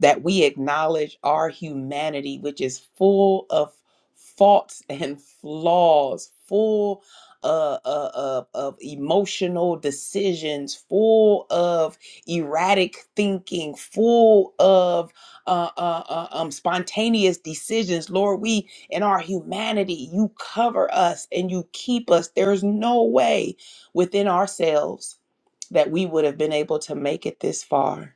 that we acknowledge our humanity, which is full of faults and flaws, full uh, uh, uh, of emotional decisions, full of erratic thinking, full of uh, uh, uh, um, spontaneous decisions. Lord, we in our humanity, you cover us and you keep us. There's no way within ourselves that we would have been able to make it this far.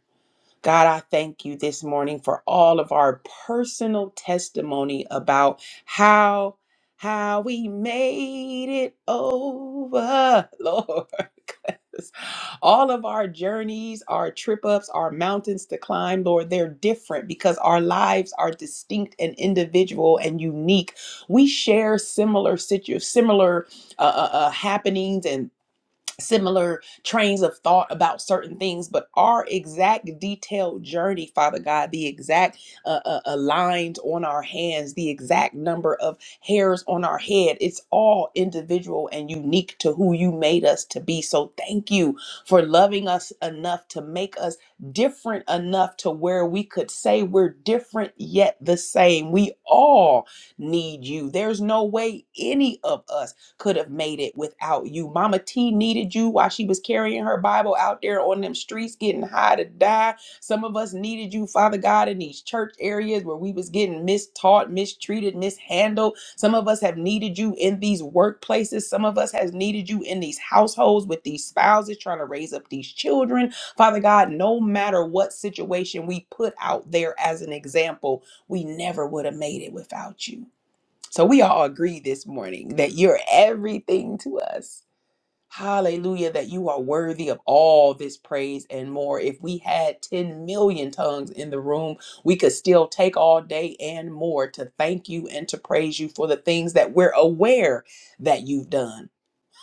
God, I thank you this morning for all of our personal testimony about how how we made it over, Lord. 'Cause All of our journeys, our trip ups, our mountains to climb, Lord, they're different because our lives are distinct and individual and unique. We share similar situ- similar uh, uh, uh, happenings and similar trains of thought about certain things, but our exact detailed journey, Father God, the exact uh, uh, uh, lines on our hands, the exact number of hairs on our head, it's all individual and unique to who you made us to be. So thank you for loving us enough to make us different enough to where we could say we're different yet the same. We all need you. There's no way any of us could have made it without you. Mama T needed you while she was carrying her Bible out there on them streets getting high to die. Some of us needed you, Father God, in these church areas where we was getting mistaught, mistreated, mishandled. Some of us have needed you in these workplaces. Some of us has needed you in these households with these spouses trying to raise up these children. Father God, no matter what situation we put out there as an example, we never would have made it without you. So we all agree this morning that you're everything to us. Hallelujah, that you are worthy of all this praise and more. If we had 10 million tongues in the room, we could still take all day and more to thank you and to praise you for the things that we're aware that you've done.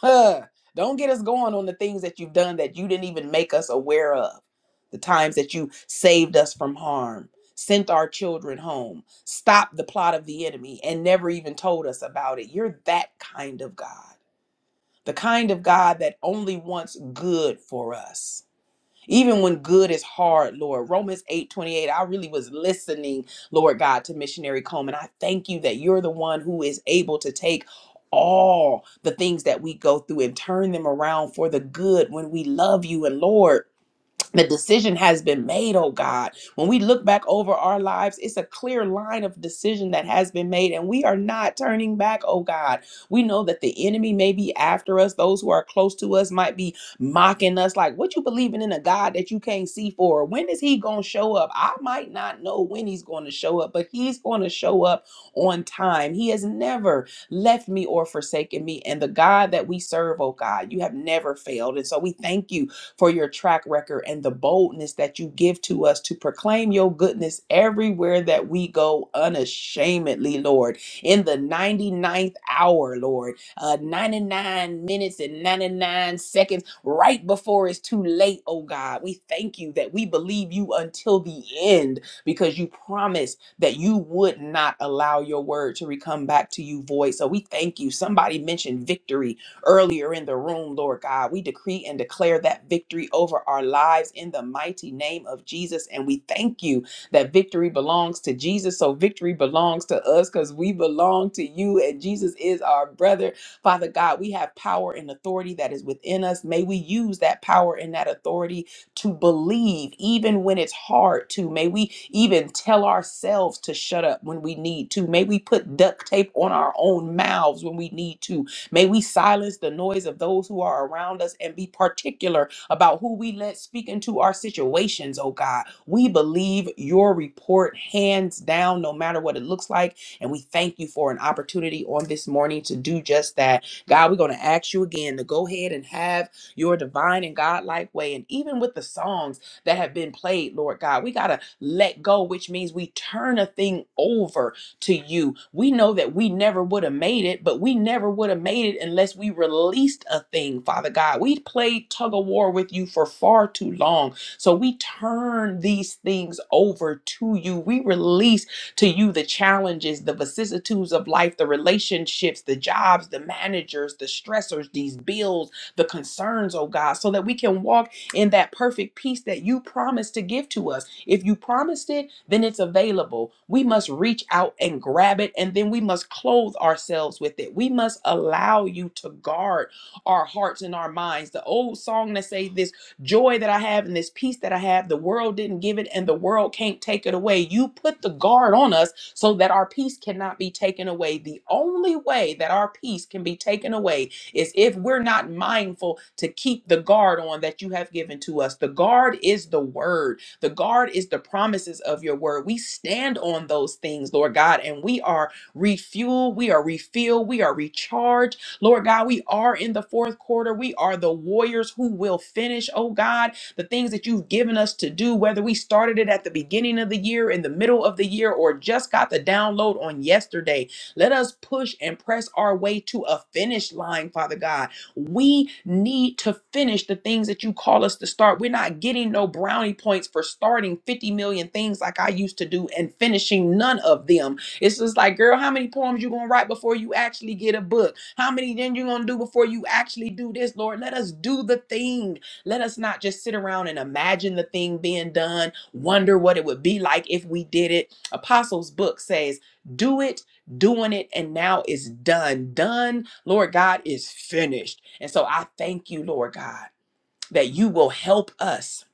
Huh. Don't get us going on the things that you've done that you didn't even make us aware of. The times that you saved us from harm, sent our children home, stopped the plot of the enemy, and never even told us about it. You're that kind of God. The kind of God that only wants good for us. Even when good is hard, Lord. Romans 8 28. I really was listening, Lord God, to missionary Coleman. I thank you that you're the one who is able to take all the things that we go through and turn them around for the good when we love you and Lord the decision has been made, oh God. When we look back over our lives, it's a clear line of decision that has been made, and we are not turning back, oh God. We know that the enemy may be after us, those who are close to us might be mocking us, like, What you believing in a God that you can't see for? When is he gonna show up? I might not know when he's gonna show up, but he's gonna show up on time. He has never left me or forsaken me, and the God that we serve, oh God, you have never failed. And so we thank you for your track record and the boldness that you give to us to proclaim your goodness everywhere that we go unashamedly, Lord. In the 99th hour, Lord, uh, 99 minutes and 99 seconds, right before it's too late, oh God, we thank you that we believe you until the end because you promised that you would not allow your word to re- come back to you void. So we thank you. Somebody mentioned victory earlier in the room, Lord God. We decree and declare that victory over our lives in the mighty name of Jesus. And we thank you that victory belongs to Jesus. So victory belongs to us because we belong to you, and Jesus is our brother. Father God, we have power and authority that is within us. May we use that power and that authority to believe, even when it's hard to. May we even tell ourselves to shut up when we need to. May we put duct tape on our own mouths when we need to. May we silence the noise of those who are around us and be particular about who we let speak into our situations, oh God. We believe your report hands down, no matter what it looks like. And we thank you for an opportunity on this morning to do just that. God, we're going to ask you again to go ahead and have your divine and godlike way. And even with the songs that have been played, Lord God, we got to let go, which means we turn a thing over to you. We know that we never would have made it, but we never would have made it unless we released a thing, Father God. We played tug of war with you for far too long. So we turn these things over to you. We release to you the challenges, the vicissitudes of life, the relationships, the jobs, the managers, the stressors, these bills, the concerns, oh God, so that we can walk in that perfect peace that you promised to give to us. If you promised it, then it's available. We must reach out and grab it, and then we must clothe ourselves with it. We must allow you to guard our hearts and our minds. The old song that say this joy that I have and this peace that I have, the world didn't give it and the world can't take it away. You put the guard on us so that our peace cannot be taken away. The only way that our peace can be taken away is if we're not mindful to keep the guard on that you have given to us. The guard is the word. The guard is the promises of your word. We stand on those things, Lord God, and we are refueled, we are refilled, we are recharged. Lord God, we are in the fourth quarter. We are the warriors who will finish, oh God, the things that you've given us to do, whether we started it at the beginning of the year, in the middle of the year, or just got the download on yesterday. Let us push and press our way to a finish line, Father God. We need to finish the things that you call us to start. We're not getting no brownie points for starting 50 million things like I used to do and finishing none of them. It's just like, girl, how many poems you gonna write before you actually get a book? How many then you gonna do before you actually do this, Lord? Let us do the thing. Let us not just sit around and imagine the thing being done, wonder what it would be like if we did it. Apostles' book says, do it, doing it, and now it's done. Done, Lord God, is finished. And so I thank you, Lord God, that you will help us.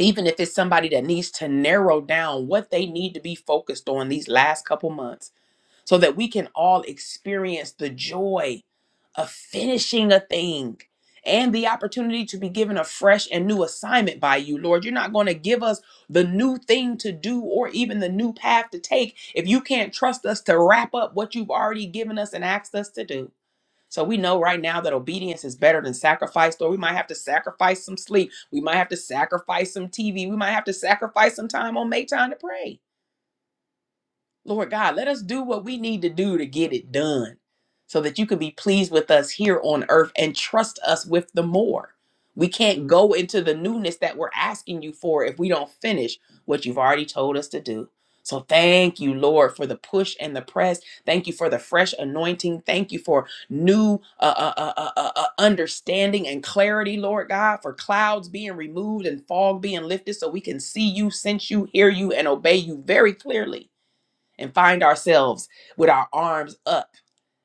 Even if it's somebody that needs to narrow down what they need to be focused on these last couple months, so that we can all experience the joy of finishing a thing and the opportunity to be given a fresh and new assignment by you, Lord. You're not going to give us the new thing to do or even the new path to take if you can't trust us to wrap up what you've already given us and asked us to do. So we know right now that obedience is better than sacrifice, or we might have to sacrifice some sleep. We might have to sacrifice some TV. We might have to sacrifice some time on Maytime to pray. Lord God, let us do what we need to do to get it done so that you can be pleased with us here on earth and trust us with the more. We can't go into the newness that we're asking you for if we don't finish what you've already told us to do. So thank you, Lord, for the push and the press. Thank you for the fresh anointing. Thank you for new uh, uh, uh, uh, uh, uh, understanding and clarity, Lord God, for clouds being removed and fog being lifted so we can see you, sense you, hear you, and obey you very clearly and find ourselves with our arms up,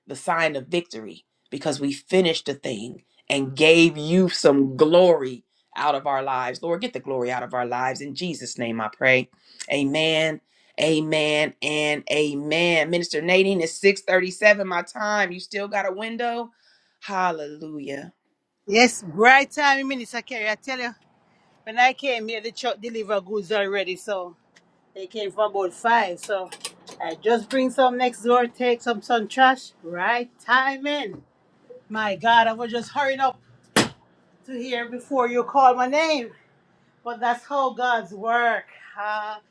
the sign of victory, because we finished a thing and gave you some glory out of our lives. Lord, get the glory out of our lives. In Jesus' name I pray. Amen. Amen and amen. Minister Nadine is 637 my time. You still got a window? Hallelujah. Yes, right time, Minister Kerry. I tell you, when I came here, the truck deliver goods already. So they came for about five. So I just bring some next door, take some sun trash. Right timing. My God, I was just hurrying up to here before you called my name. But that's how God's work. Hallelujah.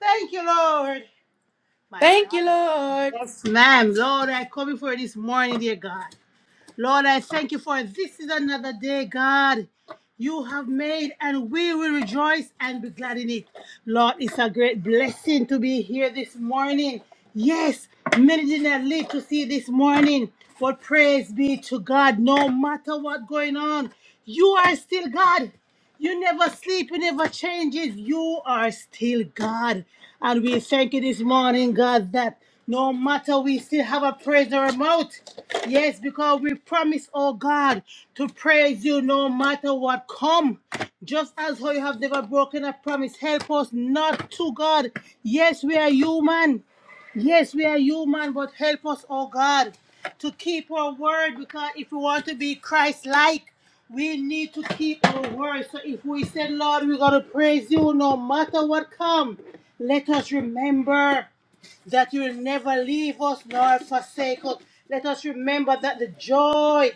Thank you, Lord. My Thank you, God. Lord. Yes, ma'am. Lord, I come before you this morning, dear God. Lord, I thank you for this is another day, God. You have made, and we will rejoice and be glad in it. Lord, it's a great blessing to be here this morning. Yes, many did not live to see this morning, but praise be to God. No matter what's going on, you are still God. You never sleep, you never changes. You are still God. And we thank you this morning, God, that no matter we still have a praise or a mouth. Yes, because we promise, oh God, to praise you no matter what come. Just as how you have never broken a promise, help us not to, God. Yes, we are human. Yes, we are human, but help us, oh God, to keep our word because if we want to be Christ like, we need to keep our word. So if we said, Lord, we're going to praise you no matter what comes," let us remember that you will never leave us nor forsake us. Let us remember that the joy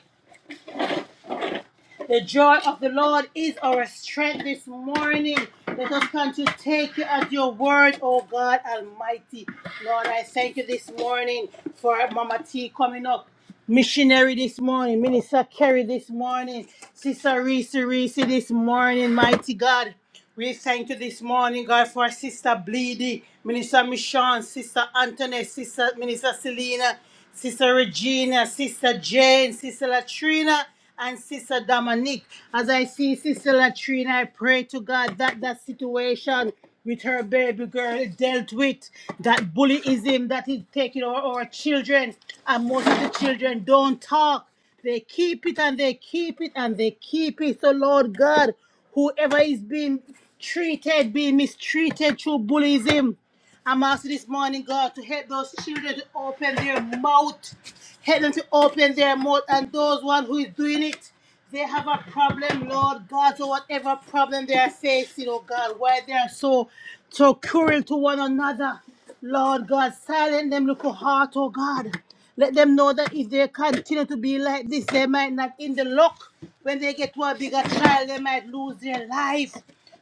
the joy of the Lord is our strength this morning. Let us come to take you at your word, oh God Almighty. Lord, I thank you this morning for Mama T coming up. Missionary this morning, Minister Kerry this morning, Sister Reese Reese this morning, mighty God. We thank you this morning, God, for Sister Bleedy, Minister Michonne, Sister Antoinette, Sister Minister Selena, Sister Regina, Sister Jane, Sister Latrina, and Sister Dominique. As I see Sister Latrina, I pray to God that that situation with her baby girl dealt with, that bullyism that is taking over our children, and most of the children don't talk. They keep it and they keep it and they keep it. So, Lord God, whoever is being treated, being mistreated through bullyism, I'm asking this morning, God, to help those children to open their mouth. Help them to open their mouth. And those one who is doing it, they have a problem, Lord God. So whatever problem they are facing, oh God, why they are so so cruel to one another. Lord God, silent them little heart, oh God. Let them know that if they continue to be like this, they might not in the luck. When they get to a bigger trial, they might lose their life.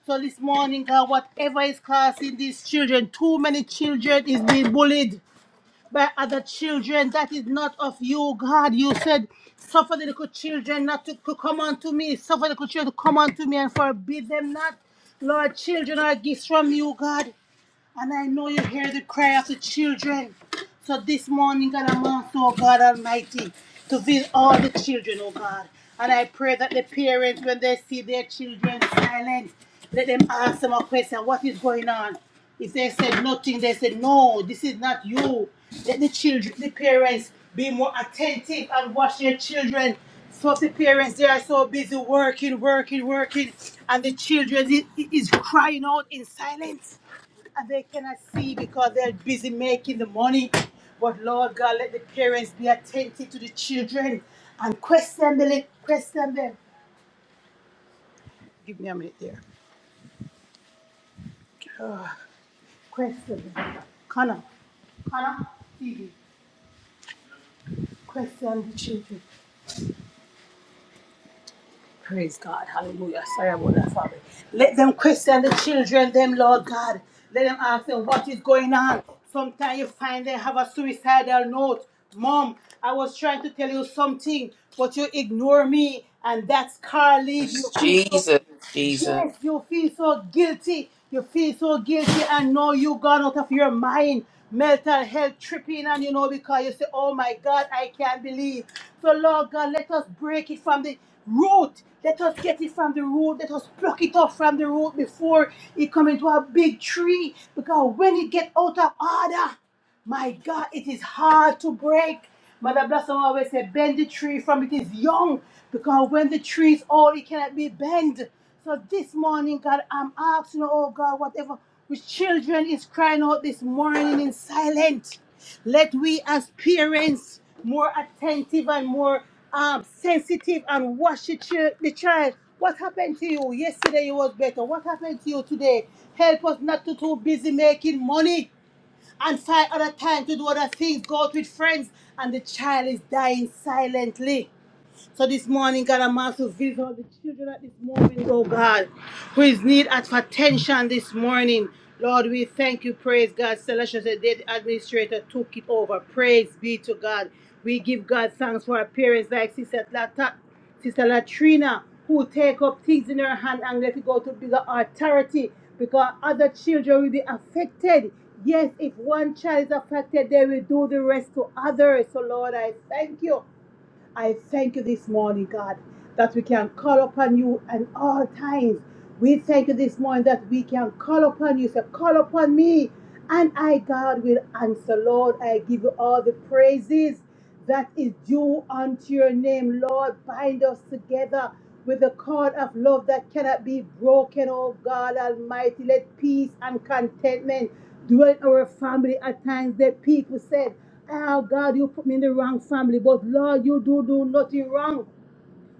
So this morning, God, whatever is causing these children, too many children is being bullied by other children. That is not of you, God. You said, suffer the little children not to, to come unto me. Suffer the little children to come unto me and forbid them not. Lord, children are gifts from you, God. And I know you hear the cry of the children. So this morning, God, I'm on, so God Almighty, to visit all the children, oh God. And I pray that the parents, when they see their children silent, let them ask them a question, what is going on? If they said nothing, they said, no, this is not you. Let the children, the parents be more attentive and watch their children. So the parents, they are so busy working, working, working, and the children i- is crying out in silence and they cannot see because they're busy making the money. But Lord God, let the parents be attentive to the children and question them. Question them. Give me a minute there. Ah, question them. Connor, Connor, Phoebe, question the children. Praise God. Hallelujah. Sorry about that, Father. Let them question the children, them, Lord God. Let them ask them what is going on. Sometimes you find they have a suicidal note. Mom, I was trying to tell you something, but you ignore me, and that scar leads you. Jesus, Jesus. Yes, you feel so guilty. You feel so guilty and know you gone out of your mind. Mental health tripping and you know because you say, Oh my God, I can't believe. So Lord God, let us break it from the root. Let us get it from the root. Let us pluck it off from the root before it come into a big tree. Because when it get out of order, my God, it is hard to break. Mother Blossom always said, bend the tree from it is young, because when the tree is old, it cannot be bent. So this morning, God, I'm asking, oh God, whatever, which children is crying out this morning in silence. Let we as parents more attentive and more um, sensitive and watch the, chil- the child. What happened to you? Yesterday you was better. What happened to you today? Help us not to too busy making money and find other time to do other things, go out with friends, and the child is dying silently. So this morning, God, I'm also visit all the children at this moment, oh God, who is need of attention this morning. Lord, we thank you, praise God. Celestial said the administrator took it over. Praise be to God. We give God thanks for our parents like Sister Lata, Sister Latrina, who take up things in her hand and let it go to bigger authority because other children will be affected. Yes, if one child is affected, they will do the rest to others. So, Lord, I thank you. I thank you this morning, God, that we can call upon you at all times. We thank you this morning that we can call upon you. So call upon me, and I, God, will answer. Lord, I give you all the praises that is due unto your name. Lord, bind us together with the cord of love that cannot be broken, oh God Almighty. Let peace and contentment dwell in our family at times. The people said, Oh God, you put me in the wrong family, but Lord, you do do nothing wrong.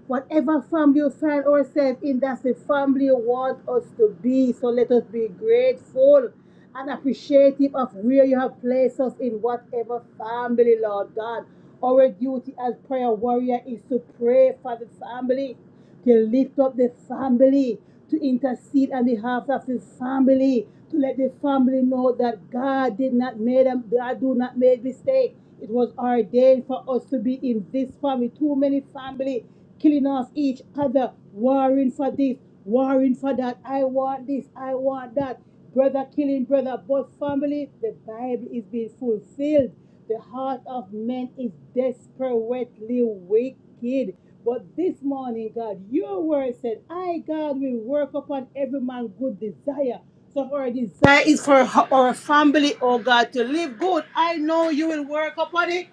Whatever family you find ourselves in, that's the family you want us to be. So let us be grateful and appreciative of where you have placed us in whatever family, Lord God. Our duty as prayer warrior is to pray for the family to lift up the family, to intercede on behalf of the family, to let the family know that God did not make them, God do not make mistake. It was ordained for us to be in this family. Too many family killing off each other, warring for this, warring for that. I want this, I want that. Brother killing brother, but family, the Bible is being fulfilled. The heart of man is desperately wicked. But this morning, God, your word said, I, God, will work upon every man good desire. So our desire is for our family, oh God, to live good. I know you will work upon it.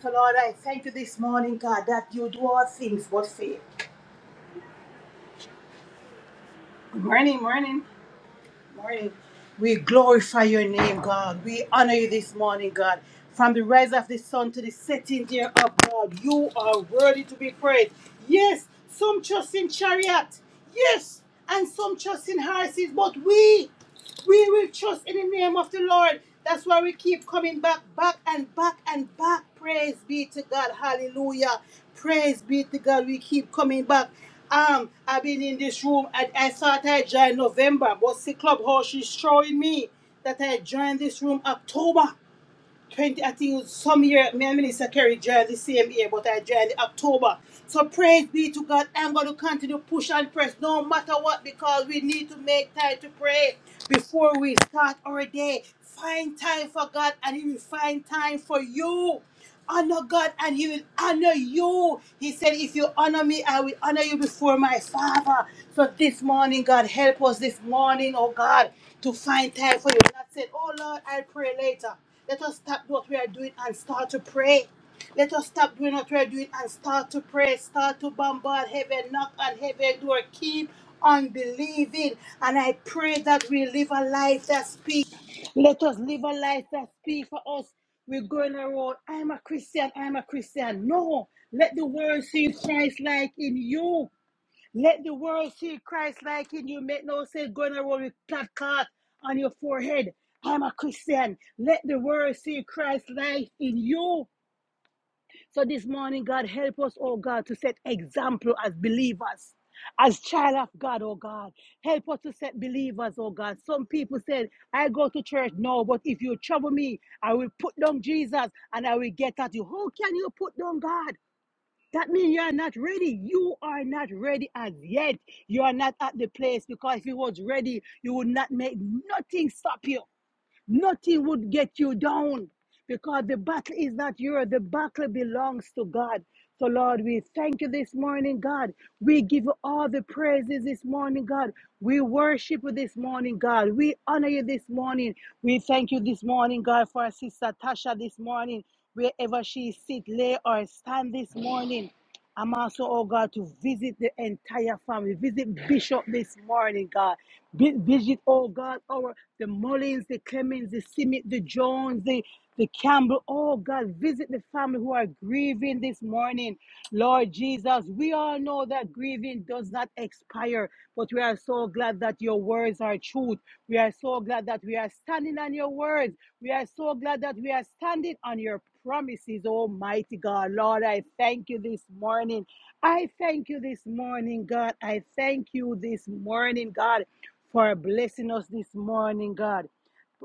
So Lord, I thank you this morning, God, that you do all things but fail. Morning, morning. morning. We glorify your name, God. We honor you this morning, God. From the rise of the sun to the setting there of God, you are worthy to be praised. Yes, some trust in chariot. Yes, and some trust in horses, but we we will trust in the name of the Lord. That's why we keep coming back, back and back and back. Praise be to God. Hallelujah. Praise be to God. We keep coming back. Um, I've been in this room and I thought I joined November, but see clubhouse is showing me that I joined this room October. 20, I think some year, me and Minister Kerry joined the same year, but I joined in October. So praise be to God. I'm going to continue push and press no matter what because we need to make time to pray before we start our day. Find time for God and He will find time for you honor God and he will honor you. He said, If you honor me, I will honor you before my Father. So this morning, God, help us this morning, oh God, to find time for you. Not said, Oh Lord, I'll pray later. Let us stop what we are doing and start to pray. Let us stop doing what we are doing and start to pray, start to bombard heaven, knock on heaven door, keep on believing. And I pray that we live a life that speaks. Let us live a life that speaks for us. We're going around, I'm a Christian, I'm a Christian. No, let the world see Christ like in you. Let the world see Christ like in you. Make no sense going around with placard on your forehead. I'm a Christian. Let the world see Christ like in you. So this morning, God, help us, oh God, to set example as believers, as child of God, oh God. Help us to set believers, oh God. Some people said, I go to church. No, but if you trouble me, I will put down Jesus and I will get at you. How can you put down God? That means you are not ready. You are not ready as yet. You are not at the place because if you was ready, you would not make nothing stop you. Nothing would get you down because the battle is not yours. The battle belongs to God. So, Lord, we thank you this morning, God. We give you all the praises this morning, God. We worship you this morning, God. We honor you this morning. We thank you this morning, God, for our sister Tasha this morning, wherever she sit, lay or stand this morning. I'm also, oh God, to visit the entire family. Visit Bishop this morning, God. Vi- Visit, oh God, our the Mullins, the Clemens, the Simit, the Jones, the, the Campbell. Oh God, visit the family who are grieving this morning. Lord Jesus, we all know that grieving does not expire. But we are so glad that your words are truth. We are so glad that we are standing on your words. We are so glad that we are standing on your promises, Almighty God. Lord, I thank you this morning. I thank you this morning, God. I thank you this morning, God, for blessing us this morning, God.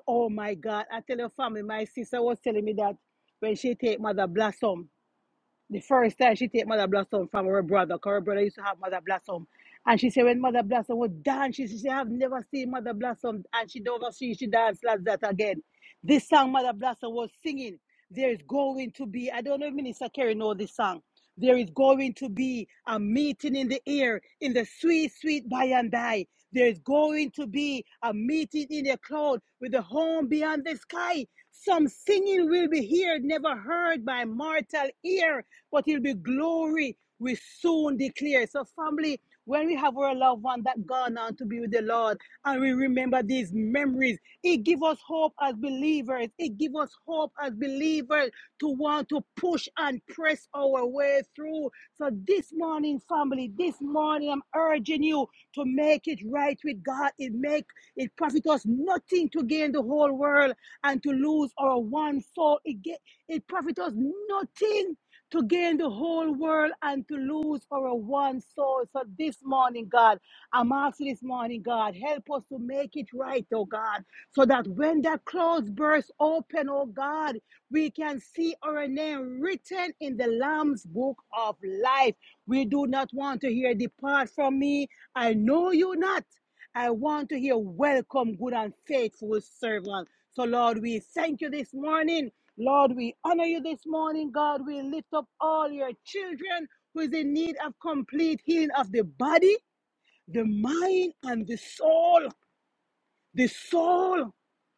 Oh my God. I tell your family, my sister was telling me that when she take Mother Blossom, the first time she take Mother Blossom from her brother, cause her brother used to have Mother Blossom. And she said when Mother Blossom was dance, she said, I've never seen Mother Blossom and she never see she dance like that again. This song Mother Blossom was singing, there is going to be, I don't know if Minister Kerry know this song. There is going to be a meeting in the air, in the sweet, sweet by and by. There is going to be a meeting in the cloud with the home beyond the sky. Some singing will be heard, never heard by mortal ear but it'll be glory we soon declare. So, family, when we have our loved one that gone on to be with the Lord and we remember these memories, it gives us hope as believers. It gives us hope as believers to want to push and press our way through. So, this morning, family, this morning, I'm urging you to make it right with God. It make it profit us nothing to gain the whole world and to lose our one soul. It get it profit us nothing to gain the whole world and to lose our one soul. So this morning, God, I'm asking this morning, God, help us to make it right, oh God, so that when that closed burst open, oh God, we can see our name written in the Lamb's book of life. We do not want to hear, Depart from me, I know you not. I want to hear, Welcome, good and faithful servant. So, Lord, we thank you this morning. Lord, we honor you this morning. God, we lift up all your children who is in need of complete healing of the body, the mind, and the soul. The soul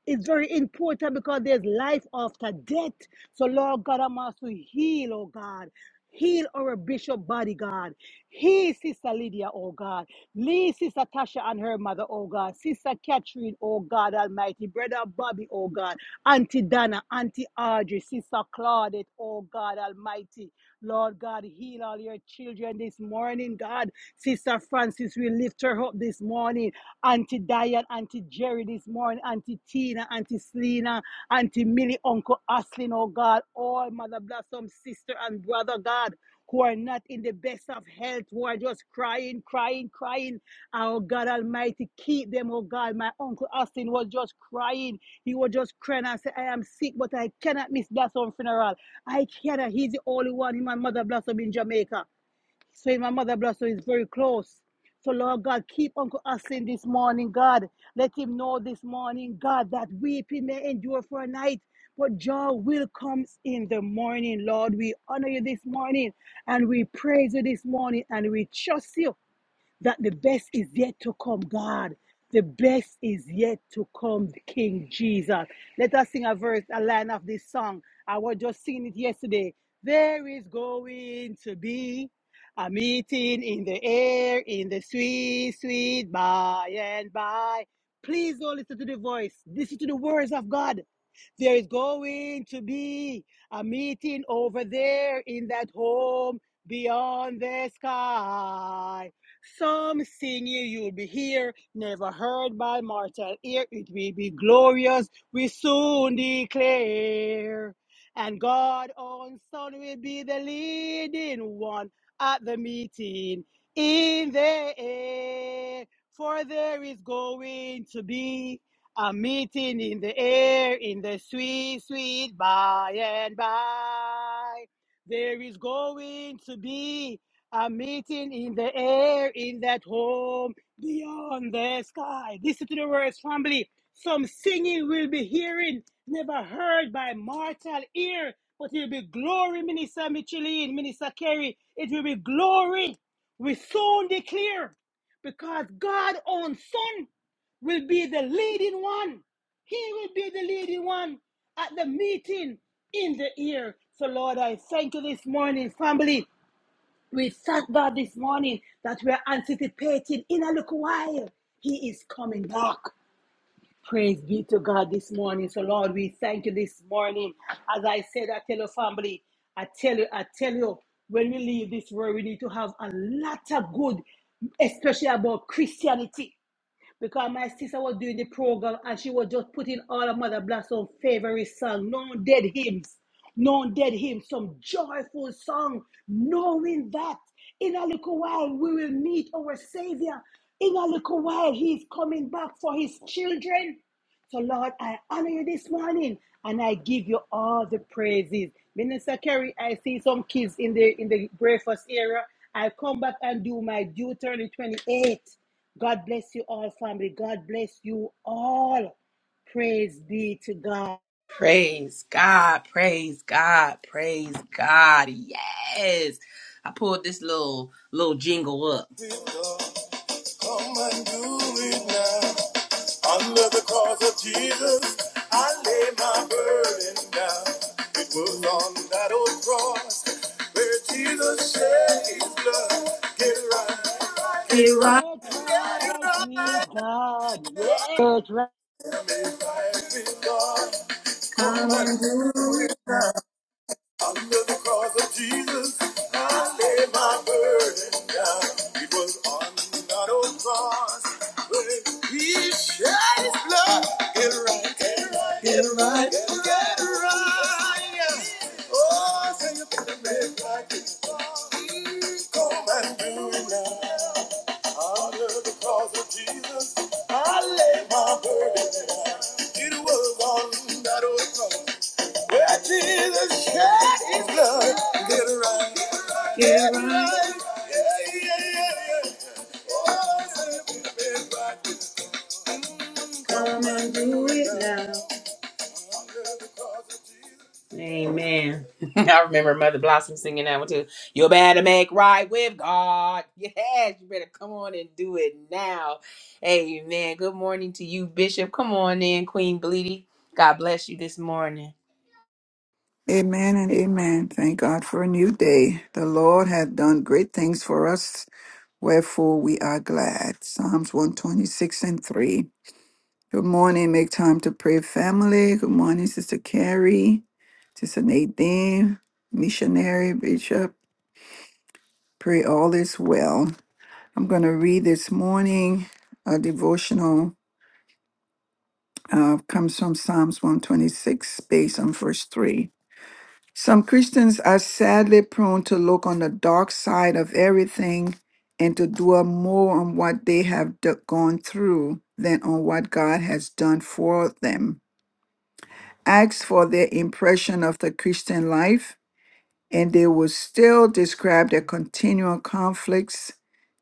is very important because there's life after death. So, Lord God, I'm also heal, oh God. Heal our bishop body, God. Heal Sister Lydia, oh God. Lead Sister Tasha and her mother, oh God. Sister Catherine, oh God Almighty. Brother Bobby, oh God. Auntie Dana, Auntie Audrey, Sister Claudette, oh God Almighty. Lord God, heal all your children this morning, God. Sister Francis, we lift her up this morning. Auntie Diane, Auntie Jerry this morning, Auntie Tina, Auntie Selena, Auntie Millie, Uncle Aslin, oh God, all Mother Blossom, sister and brother, God, who are not in the best of health, who are just crying, crying, crying. Oh God Almighty, keep them, oh God. My Uncle Austin was just crying. He was just crying and said, I am sick, but I cannot miss Blossom funeral. I cannot. He's the only one, him and Mother Blossom in Jamaica. So in my mother blood, so it's very close. So Lord God, keep Uncle Austin this morning, God. Let him know this morning, God, that weeping may endure for a night, but joy will come in the morning, Lord. We honor you this morning and we praise you this morning and we trust you that the best is yet to come, God. The best is yet to come, King Jesus. Let us sing a verse, a line of this song. I was just singing it yesterday. There is going to be a meeting in the air, in the sweet, sweet by and by. Please don't listen to the voice. Listen to the words of God. There is going to be a meeting over there in that home beyond the sky. Some singing you'll be here, never heard by mortal ear. It will be glorious, we soon declare. And God on Son will be the leading one at the meeting in the air. For there is going to be a meeting in the air, in the sweet, sweet by and by. There is going to be a meeting in the air, in that home beyond the sky. Listen to the words, family. Some singing we'll be hearing, never heard by mortal ear, but it will be glory, Minister Micheline, Minister Kerry. It will be glory. We soon declare because God owns son will be the leading one. He will be the leading one at the meeting in the year. So, Lord, I thank you this morning, family. We thank God this morning that we are anticipating in a little while. He is coming back. Praise be to God this morning. So, Lord, we thank you this morning. As I said, I tell you, family, I tell you, I tell you, when we leave this world, we need to have a lot of good, especially about Christianity because my sister was doing the program and she was just putting all of Mother Blossom's favorite song, known dead hymns, known dead hymns, some joyful song, knowing that in a little while we will meet our Savior. In a little while, He is coming back for His children. So, Lord, I honor you this morning and I give you all the praises. Minister Kerry, I see some kids in the in the breakfast area. I come back and do my Deuteronomy 28. God bless you all, family. God bless you all. Praise be to God. Praise God, praise God, praise God. Yes. I pulled this little little jingle up. Come and do it now. Under the cross of Jesus, I lay my burden down. It was on that old cross where Jesus shed his blood. Get right, get right, Get get right with God. Yeah. Get right. right. Come and do it. Under the cross of Jesus, I laid my burden down. It was on that old cross when He shed His blood. Get right, get right, get right, get right. Get right. Oh, say you feel me like it's wrong. Come and do it now. Under the cross of Jesus, I laid my burden down. It was on that old cross. Well, Jesus shed his blood. Get it right. Get it right. Yeah, yeah, yeah, yeah. Oh, yeah, baby, baby. Mm, Come on. I remember Mother Blossom singing that one too. You better make right with God. Yes, you better come on and do it now. Amen. Good morning to you, Bishop. Come on in, Queen Bleedy. God bless you this morning. Amen and amen. Thank God for a new day. The Lord hath done great things for us, wherefore we are glad. Psalms 126 and 3. Good morning. Make time to pray, family. Good morning, Sister Carrie, Sister Nadine, missionary, bishop. Pray all is well. I'm going to read this morning a devotional. Uh, comes from Psalms 126, based on verse 3. Some Christians are sadly prone to look on the dark side of everything and to dwell more on what they have d- gone through than on what God has done for them. Ask for their impression of the Christian life, and they will still describe their continual conflicts,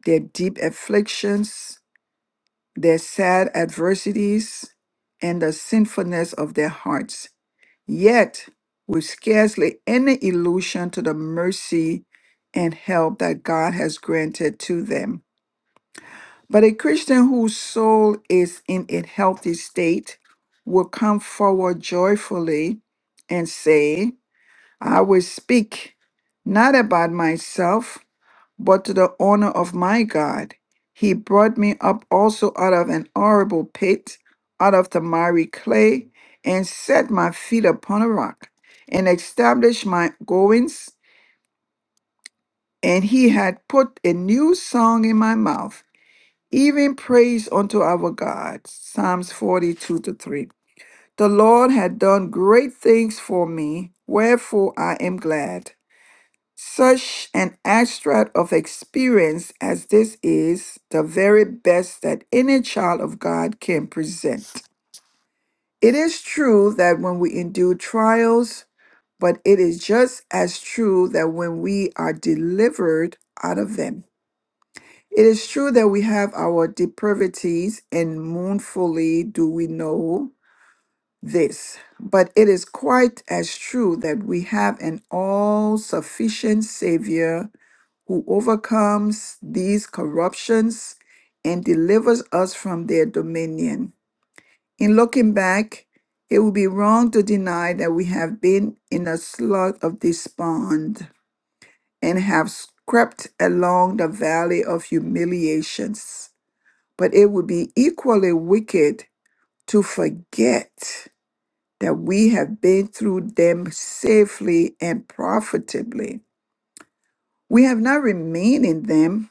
their deep afflictions, their sad adversities, and the sinfulness of their hearts, yet with scarcely any illusion to the mercy and help that God has granted to them. But a Christian whose soul is in a healthy state will come forward joyfully and say, I will speak not about myself, but to the honor of my God. He brought me up also out of an horrible pit, out of the miry clay, and set my feet upon a rock, and established my goings. And he had put a new song in my mouth, even praise unto our God. Psalms 42 to 3. The Lord had done great things for me, wherefore I am glad. Such an extract of experience as this is the very best that any child of God can present. It is true that when we endure trials, but it is just as true that when we are delivered out of them. It is true that we have our depravities, and mournfully do we know this. But it is quite as true that we have an all sufficient Savior who overcomes these corruptions and delivers us from their dominion. In looking back, it would be wrong to deny that we have been in a slough of despond and have crept along the valley of humiliations. But it would be equally wicked to forget that we have been through them safely and profitably. We have not remained in them,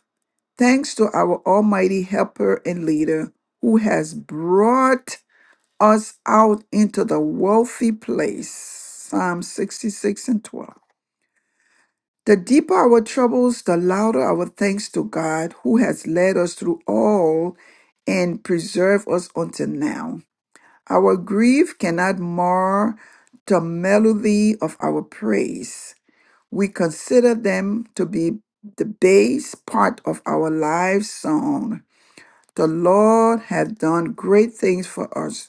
Thanks to our Almighty Helper and Leader who has brought us out into the wealthy place. Psalm 66 and 12. The deeper our troubles, the louder our thanks to God who has led us through all and preserved us until now. Our grief cannot mar the melody of our praise. We consider them to be the bass part of our lives' song the Lord hath done great things for us.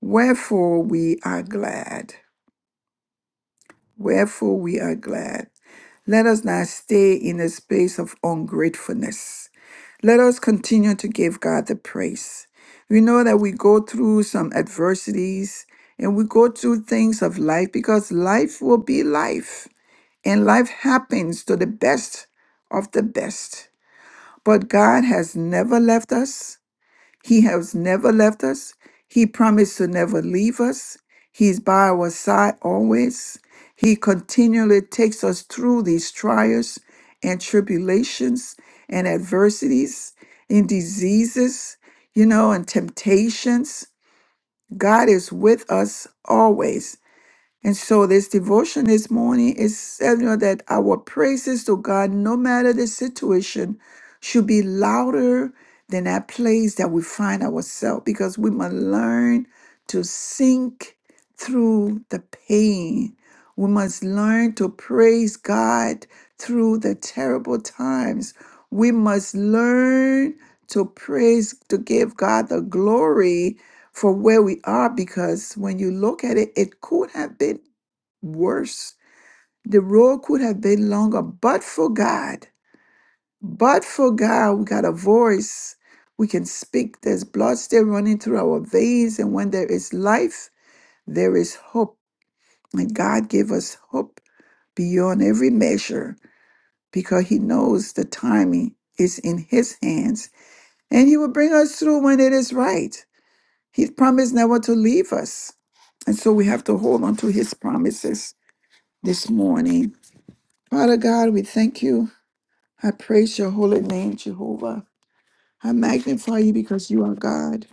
Wherefore we are glad. Wherefore we are glad. Let us not stay in a space of ungratefulness. Let us continue to give God the praise. We know that we go through some adversities and we go through things of life because life will be life and life happens to the best of the best. But God has never left us. He has never left us. He promised to never leave us. He's by our side always. He continually takes us through these trials and tribulations and adversities and diseases, you know, and temptations. God is with us always and so this devotion this morning is telling us that our praises to God, no matter the situation, should be louder than that place that we find ourselves because we must learn to sink through the pain. We must learn to praise God through the terrible times. We must learn to praise, to give God the glory for where we are because when you look at it, it could have been worse. The road could have been longer, but for God, but for God, we got a voice. We can speak. There's blood still running through our veins. And when there is life, there is hope. And God gave us hope beyond every measure because He knows the timing is in His hands. And He will bring us through when it is right. He promised never to leave us And so we have to hold on to his promises this morning. Father God, we thank you. I praise your holy name, Jehovah. I magnify you because you are God.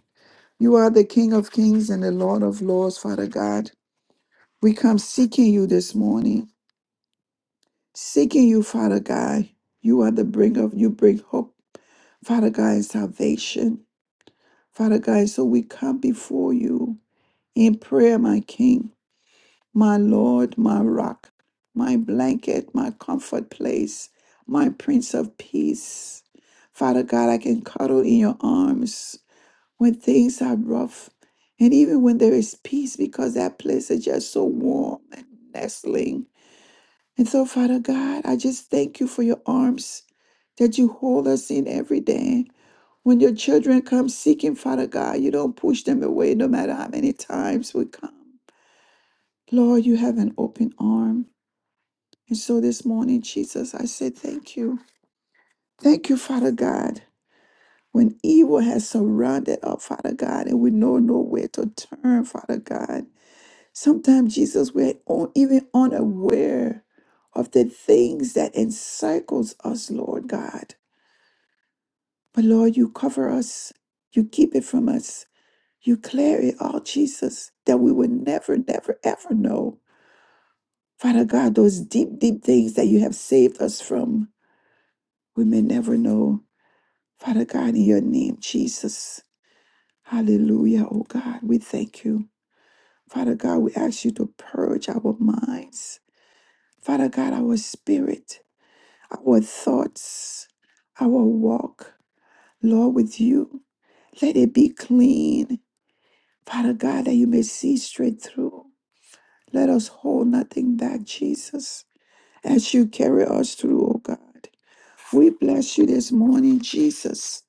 You are the King of kings and the Lord of lords, Father God. We come seeking you this morning, seeking you, Father God. You are the bringer. of you bring hope, Father God, and salvation. Father God, so we come before you in prayer, my King. my Lord, my rock, my blanket, my comfort place, my Prince of Peace. Father God, I can cuddle in your arms when things are rough and even when there is peace because that place is just so warm and nestling. And so, Father God, I just thank you for your arms that you hold us in every day. When your children come seeking, Father God, you don't push them away no matter how many times we come. Lord, you have an open arm. And so this morning, Jesus, I say thank you. Thank you, Father God. When evil has surrounded us, Father God, and we know nowhere to turn, Father God. Sometimes, Jesus, we're on, even unaware of the things that encircles us, Lord God. But Lord, you cover us. You keep it from us. You clear it all, Jesus, that we would never, never, ever know. Father God, those deep, deep things that you have saved us from, we may never know. Father God, in your name, Jesus. Hallelujah, oh God, we thank you. Father God, we ask you to purge our minds. Father God, our spirit, our thoughts, our walk, Lord, with you. Let it be clean. Father God, that you may see straight through. Let us hold nothing back, Jesus, as you carry us through, oh God. We bless you this morning, Jesus.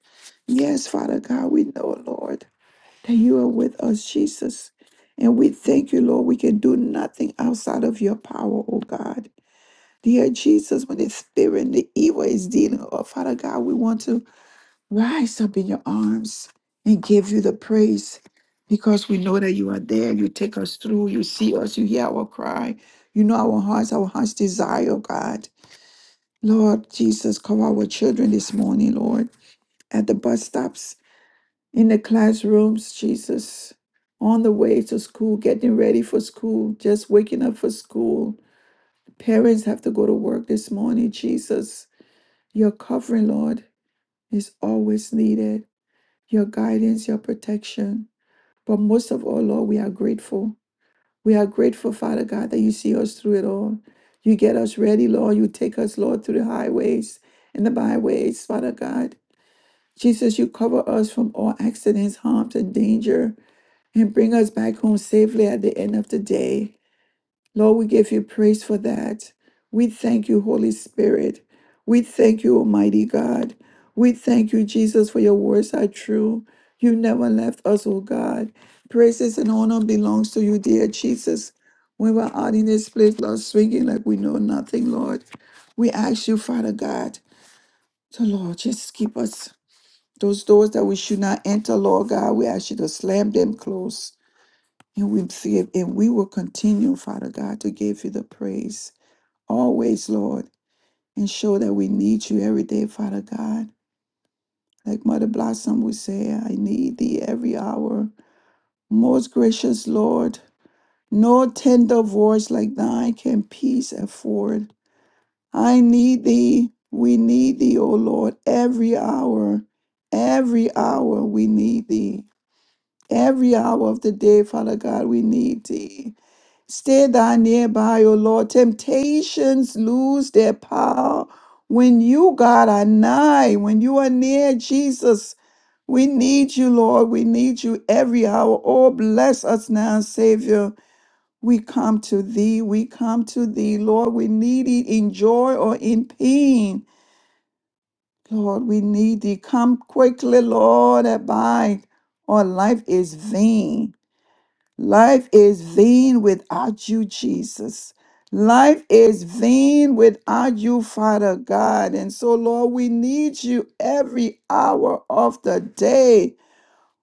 Yes, Father God, we know, Lord. that you are with us, Jesus. And we thank you, Lord. We can do nothing outside of your power, oh God. Dear Jesus, when the spirit and the evil is dealing, oh Father God, we want to rise up in your arms and give you the praise because we know that you are there. You take us through. You see us. You hear our cry. You know our hearts, our hearts' desire, oh God. Lord Jesus, cover our children this morning, Lord, at the bus stops in the classrooms, Jesus, on the way to school, getting ready for school, just waking up for school. Parents have to go to work this morning, Jesus. Your covering, Lord, is always needed. Your guidance, your protection. But most of all, Lord, we are grateful. We are grateful, Father God, that you see us through it all. You get us ready, Lord. You take us, Lord, through the highways and the byways, Father God. Jesus, you cover us from all accidents, harms, and danger. and bring us back home safely at the end of the day. Lord, we give you praise for that. We thank you, Holy Spirit. We thank you, Almighty God. We thank you, Jesus, for your words are true. You never left us, oh God. Praises and honor belongs to you, dear Jesus. When we're out in this place, Lord, swinging like we know nothing, Lord, we ask you, Father God, so Lord, just keep us. Those doors that we should not enter, Lord God, we ask you to slam them close. And we see it, and we will continue, Father God, to give you the praise always, Lord, and show that we need you every day, Father God. Like Mother Blossom would say, I need thee every hour. Most gracious Lord, no tender voice like thine can peace afford. I need thee. We need thee, O Lord, every hour. Every hour we need thee. Every hour of the day, Father God, we need thee. Stay thou nearby, O Lord. Temptations lose their power when you, God, are nigh, when you are near Jesus. We need you, Lord. We need you every hour. Oh, bless us now, Savior. We come to thee. We come to thee, Lord. We need it in joy or in pain. Lord, we need thee. Come quickly, Lord. Abide, or life is vain. Life is vain without you, Jesus. Life is vain without you, Father God. And so, Lord, we need you every hour of the day.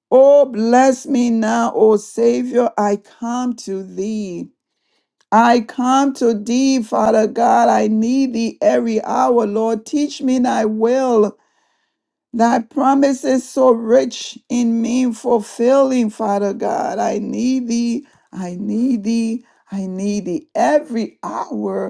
Oh, bless me now, oh Savior. I come to thee. I come to thee, Father God. I need thee every hour, Lord. Teach me thy will. Thy promise is so rich in me fulfilling, Father God. I need thee. I need thee. I need thee every hour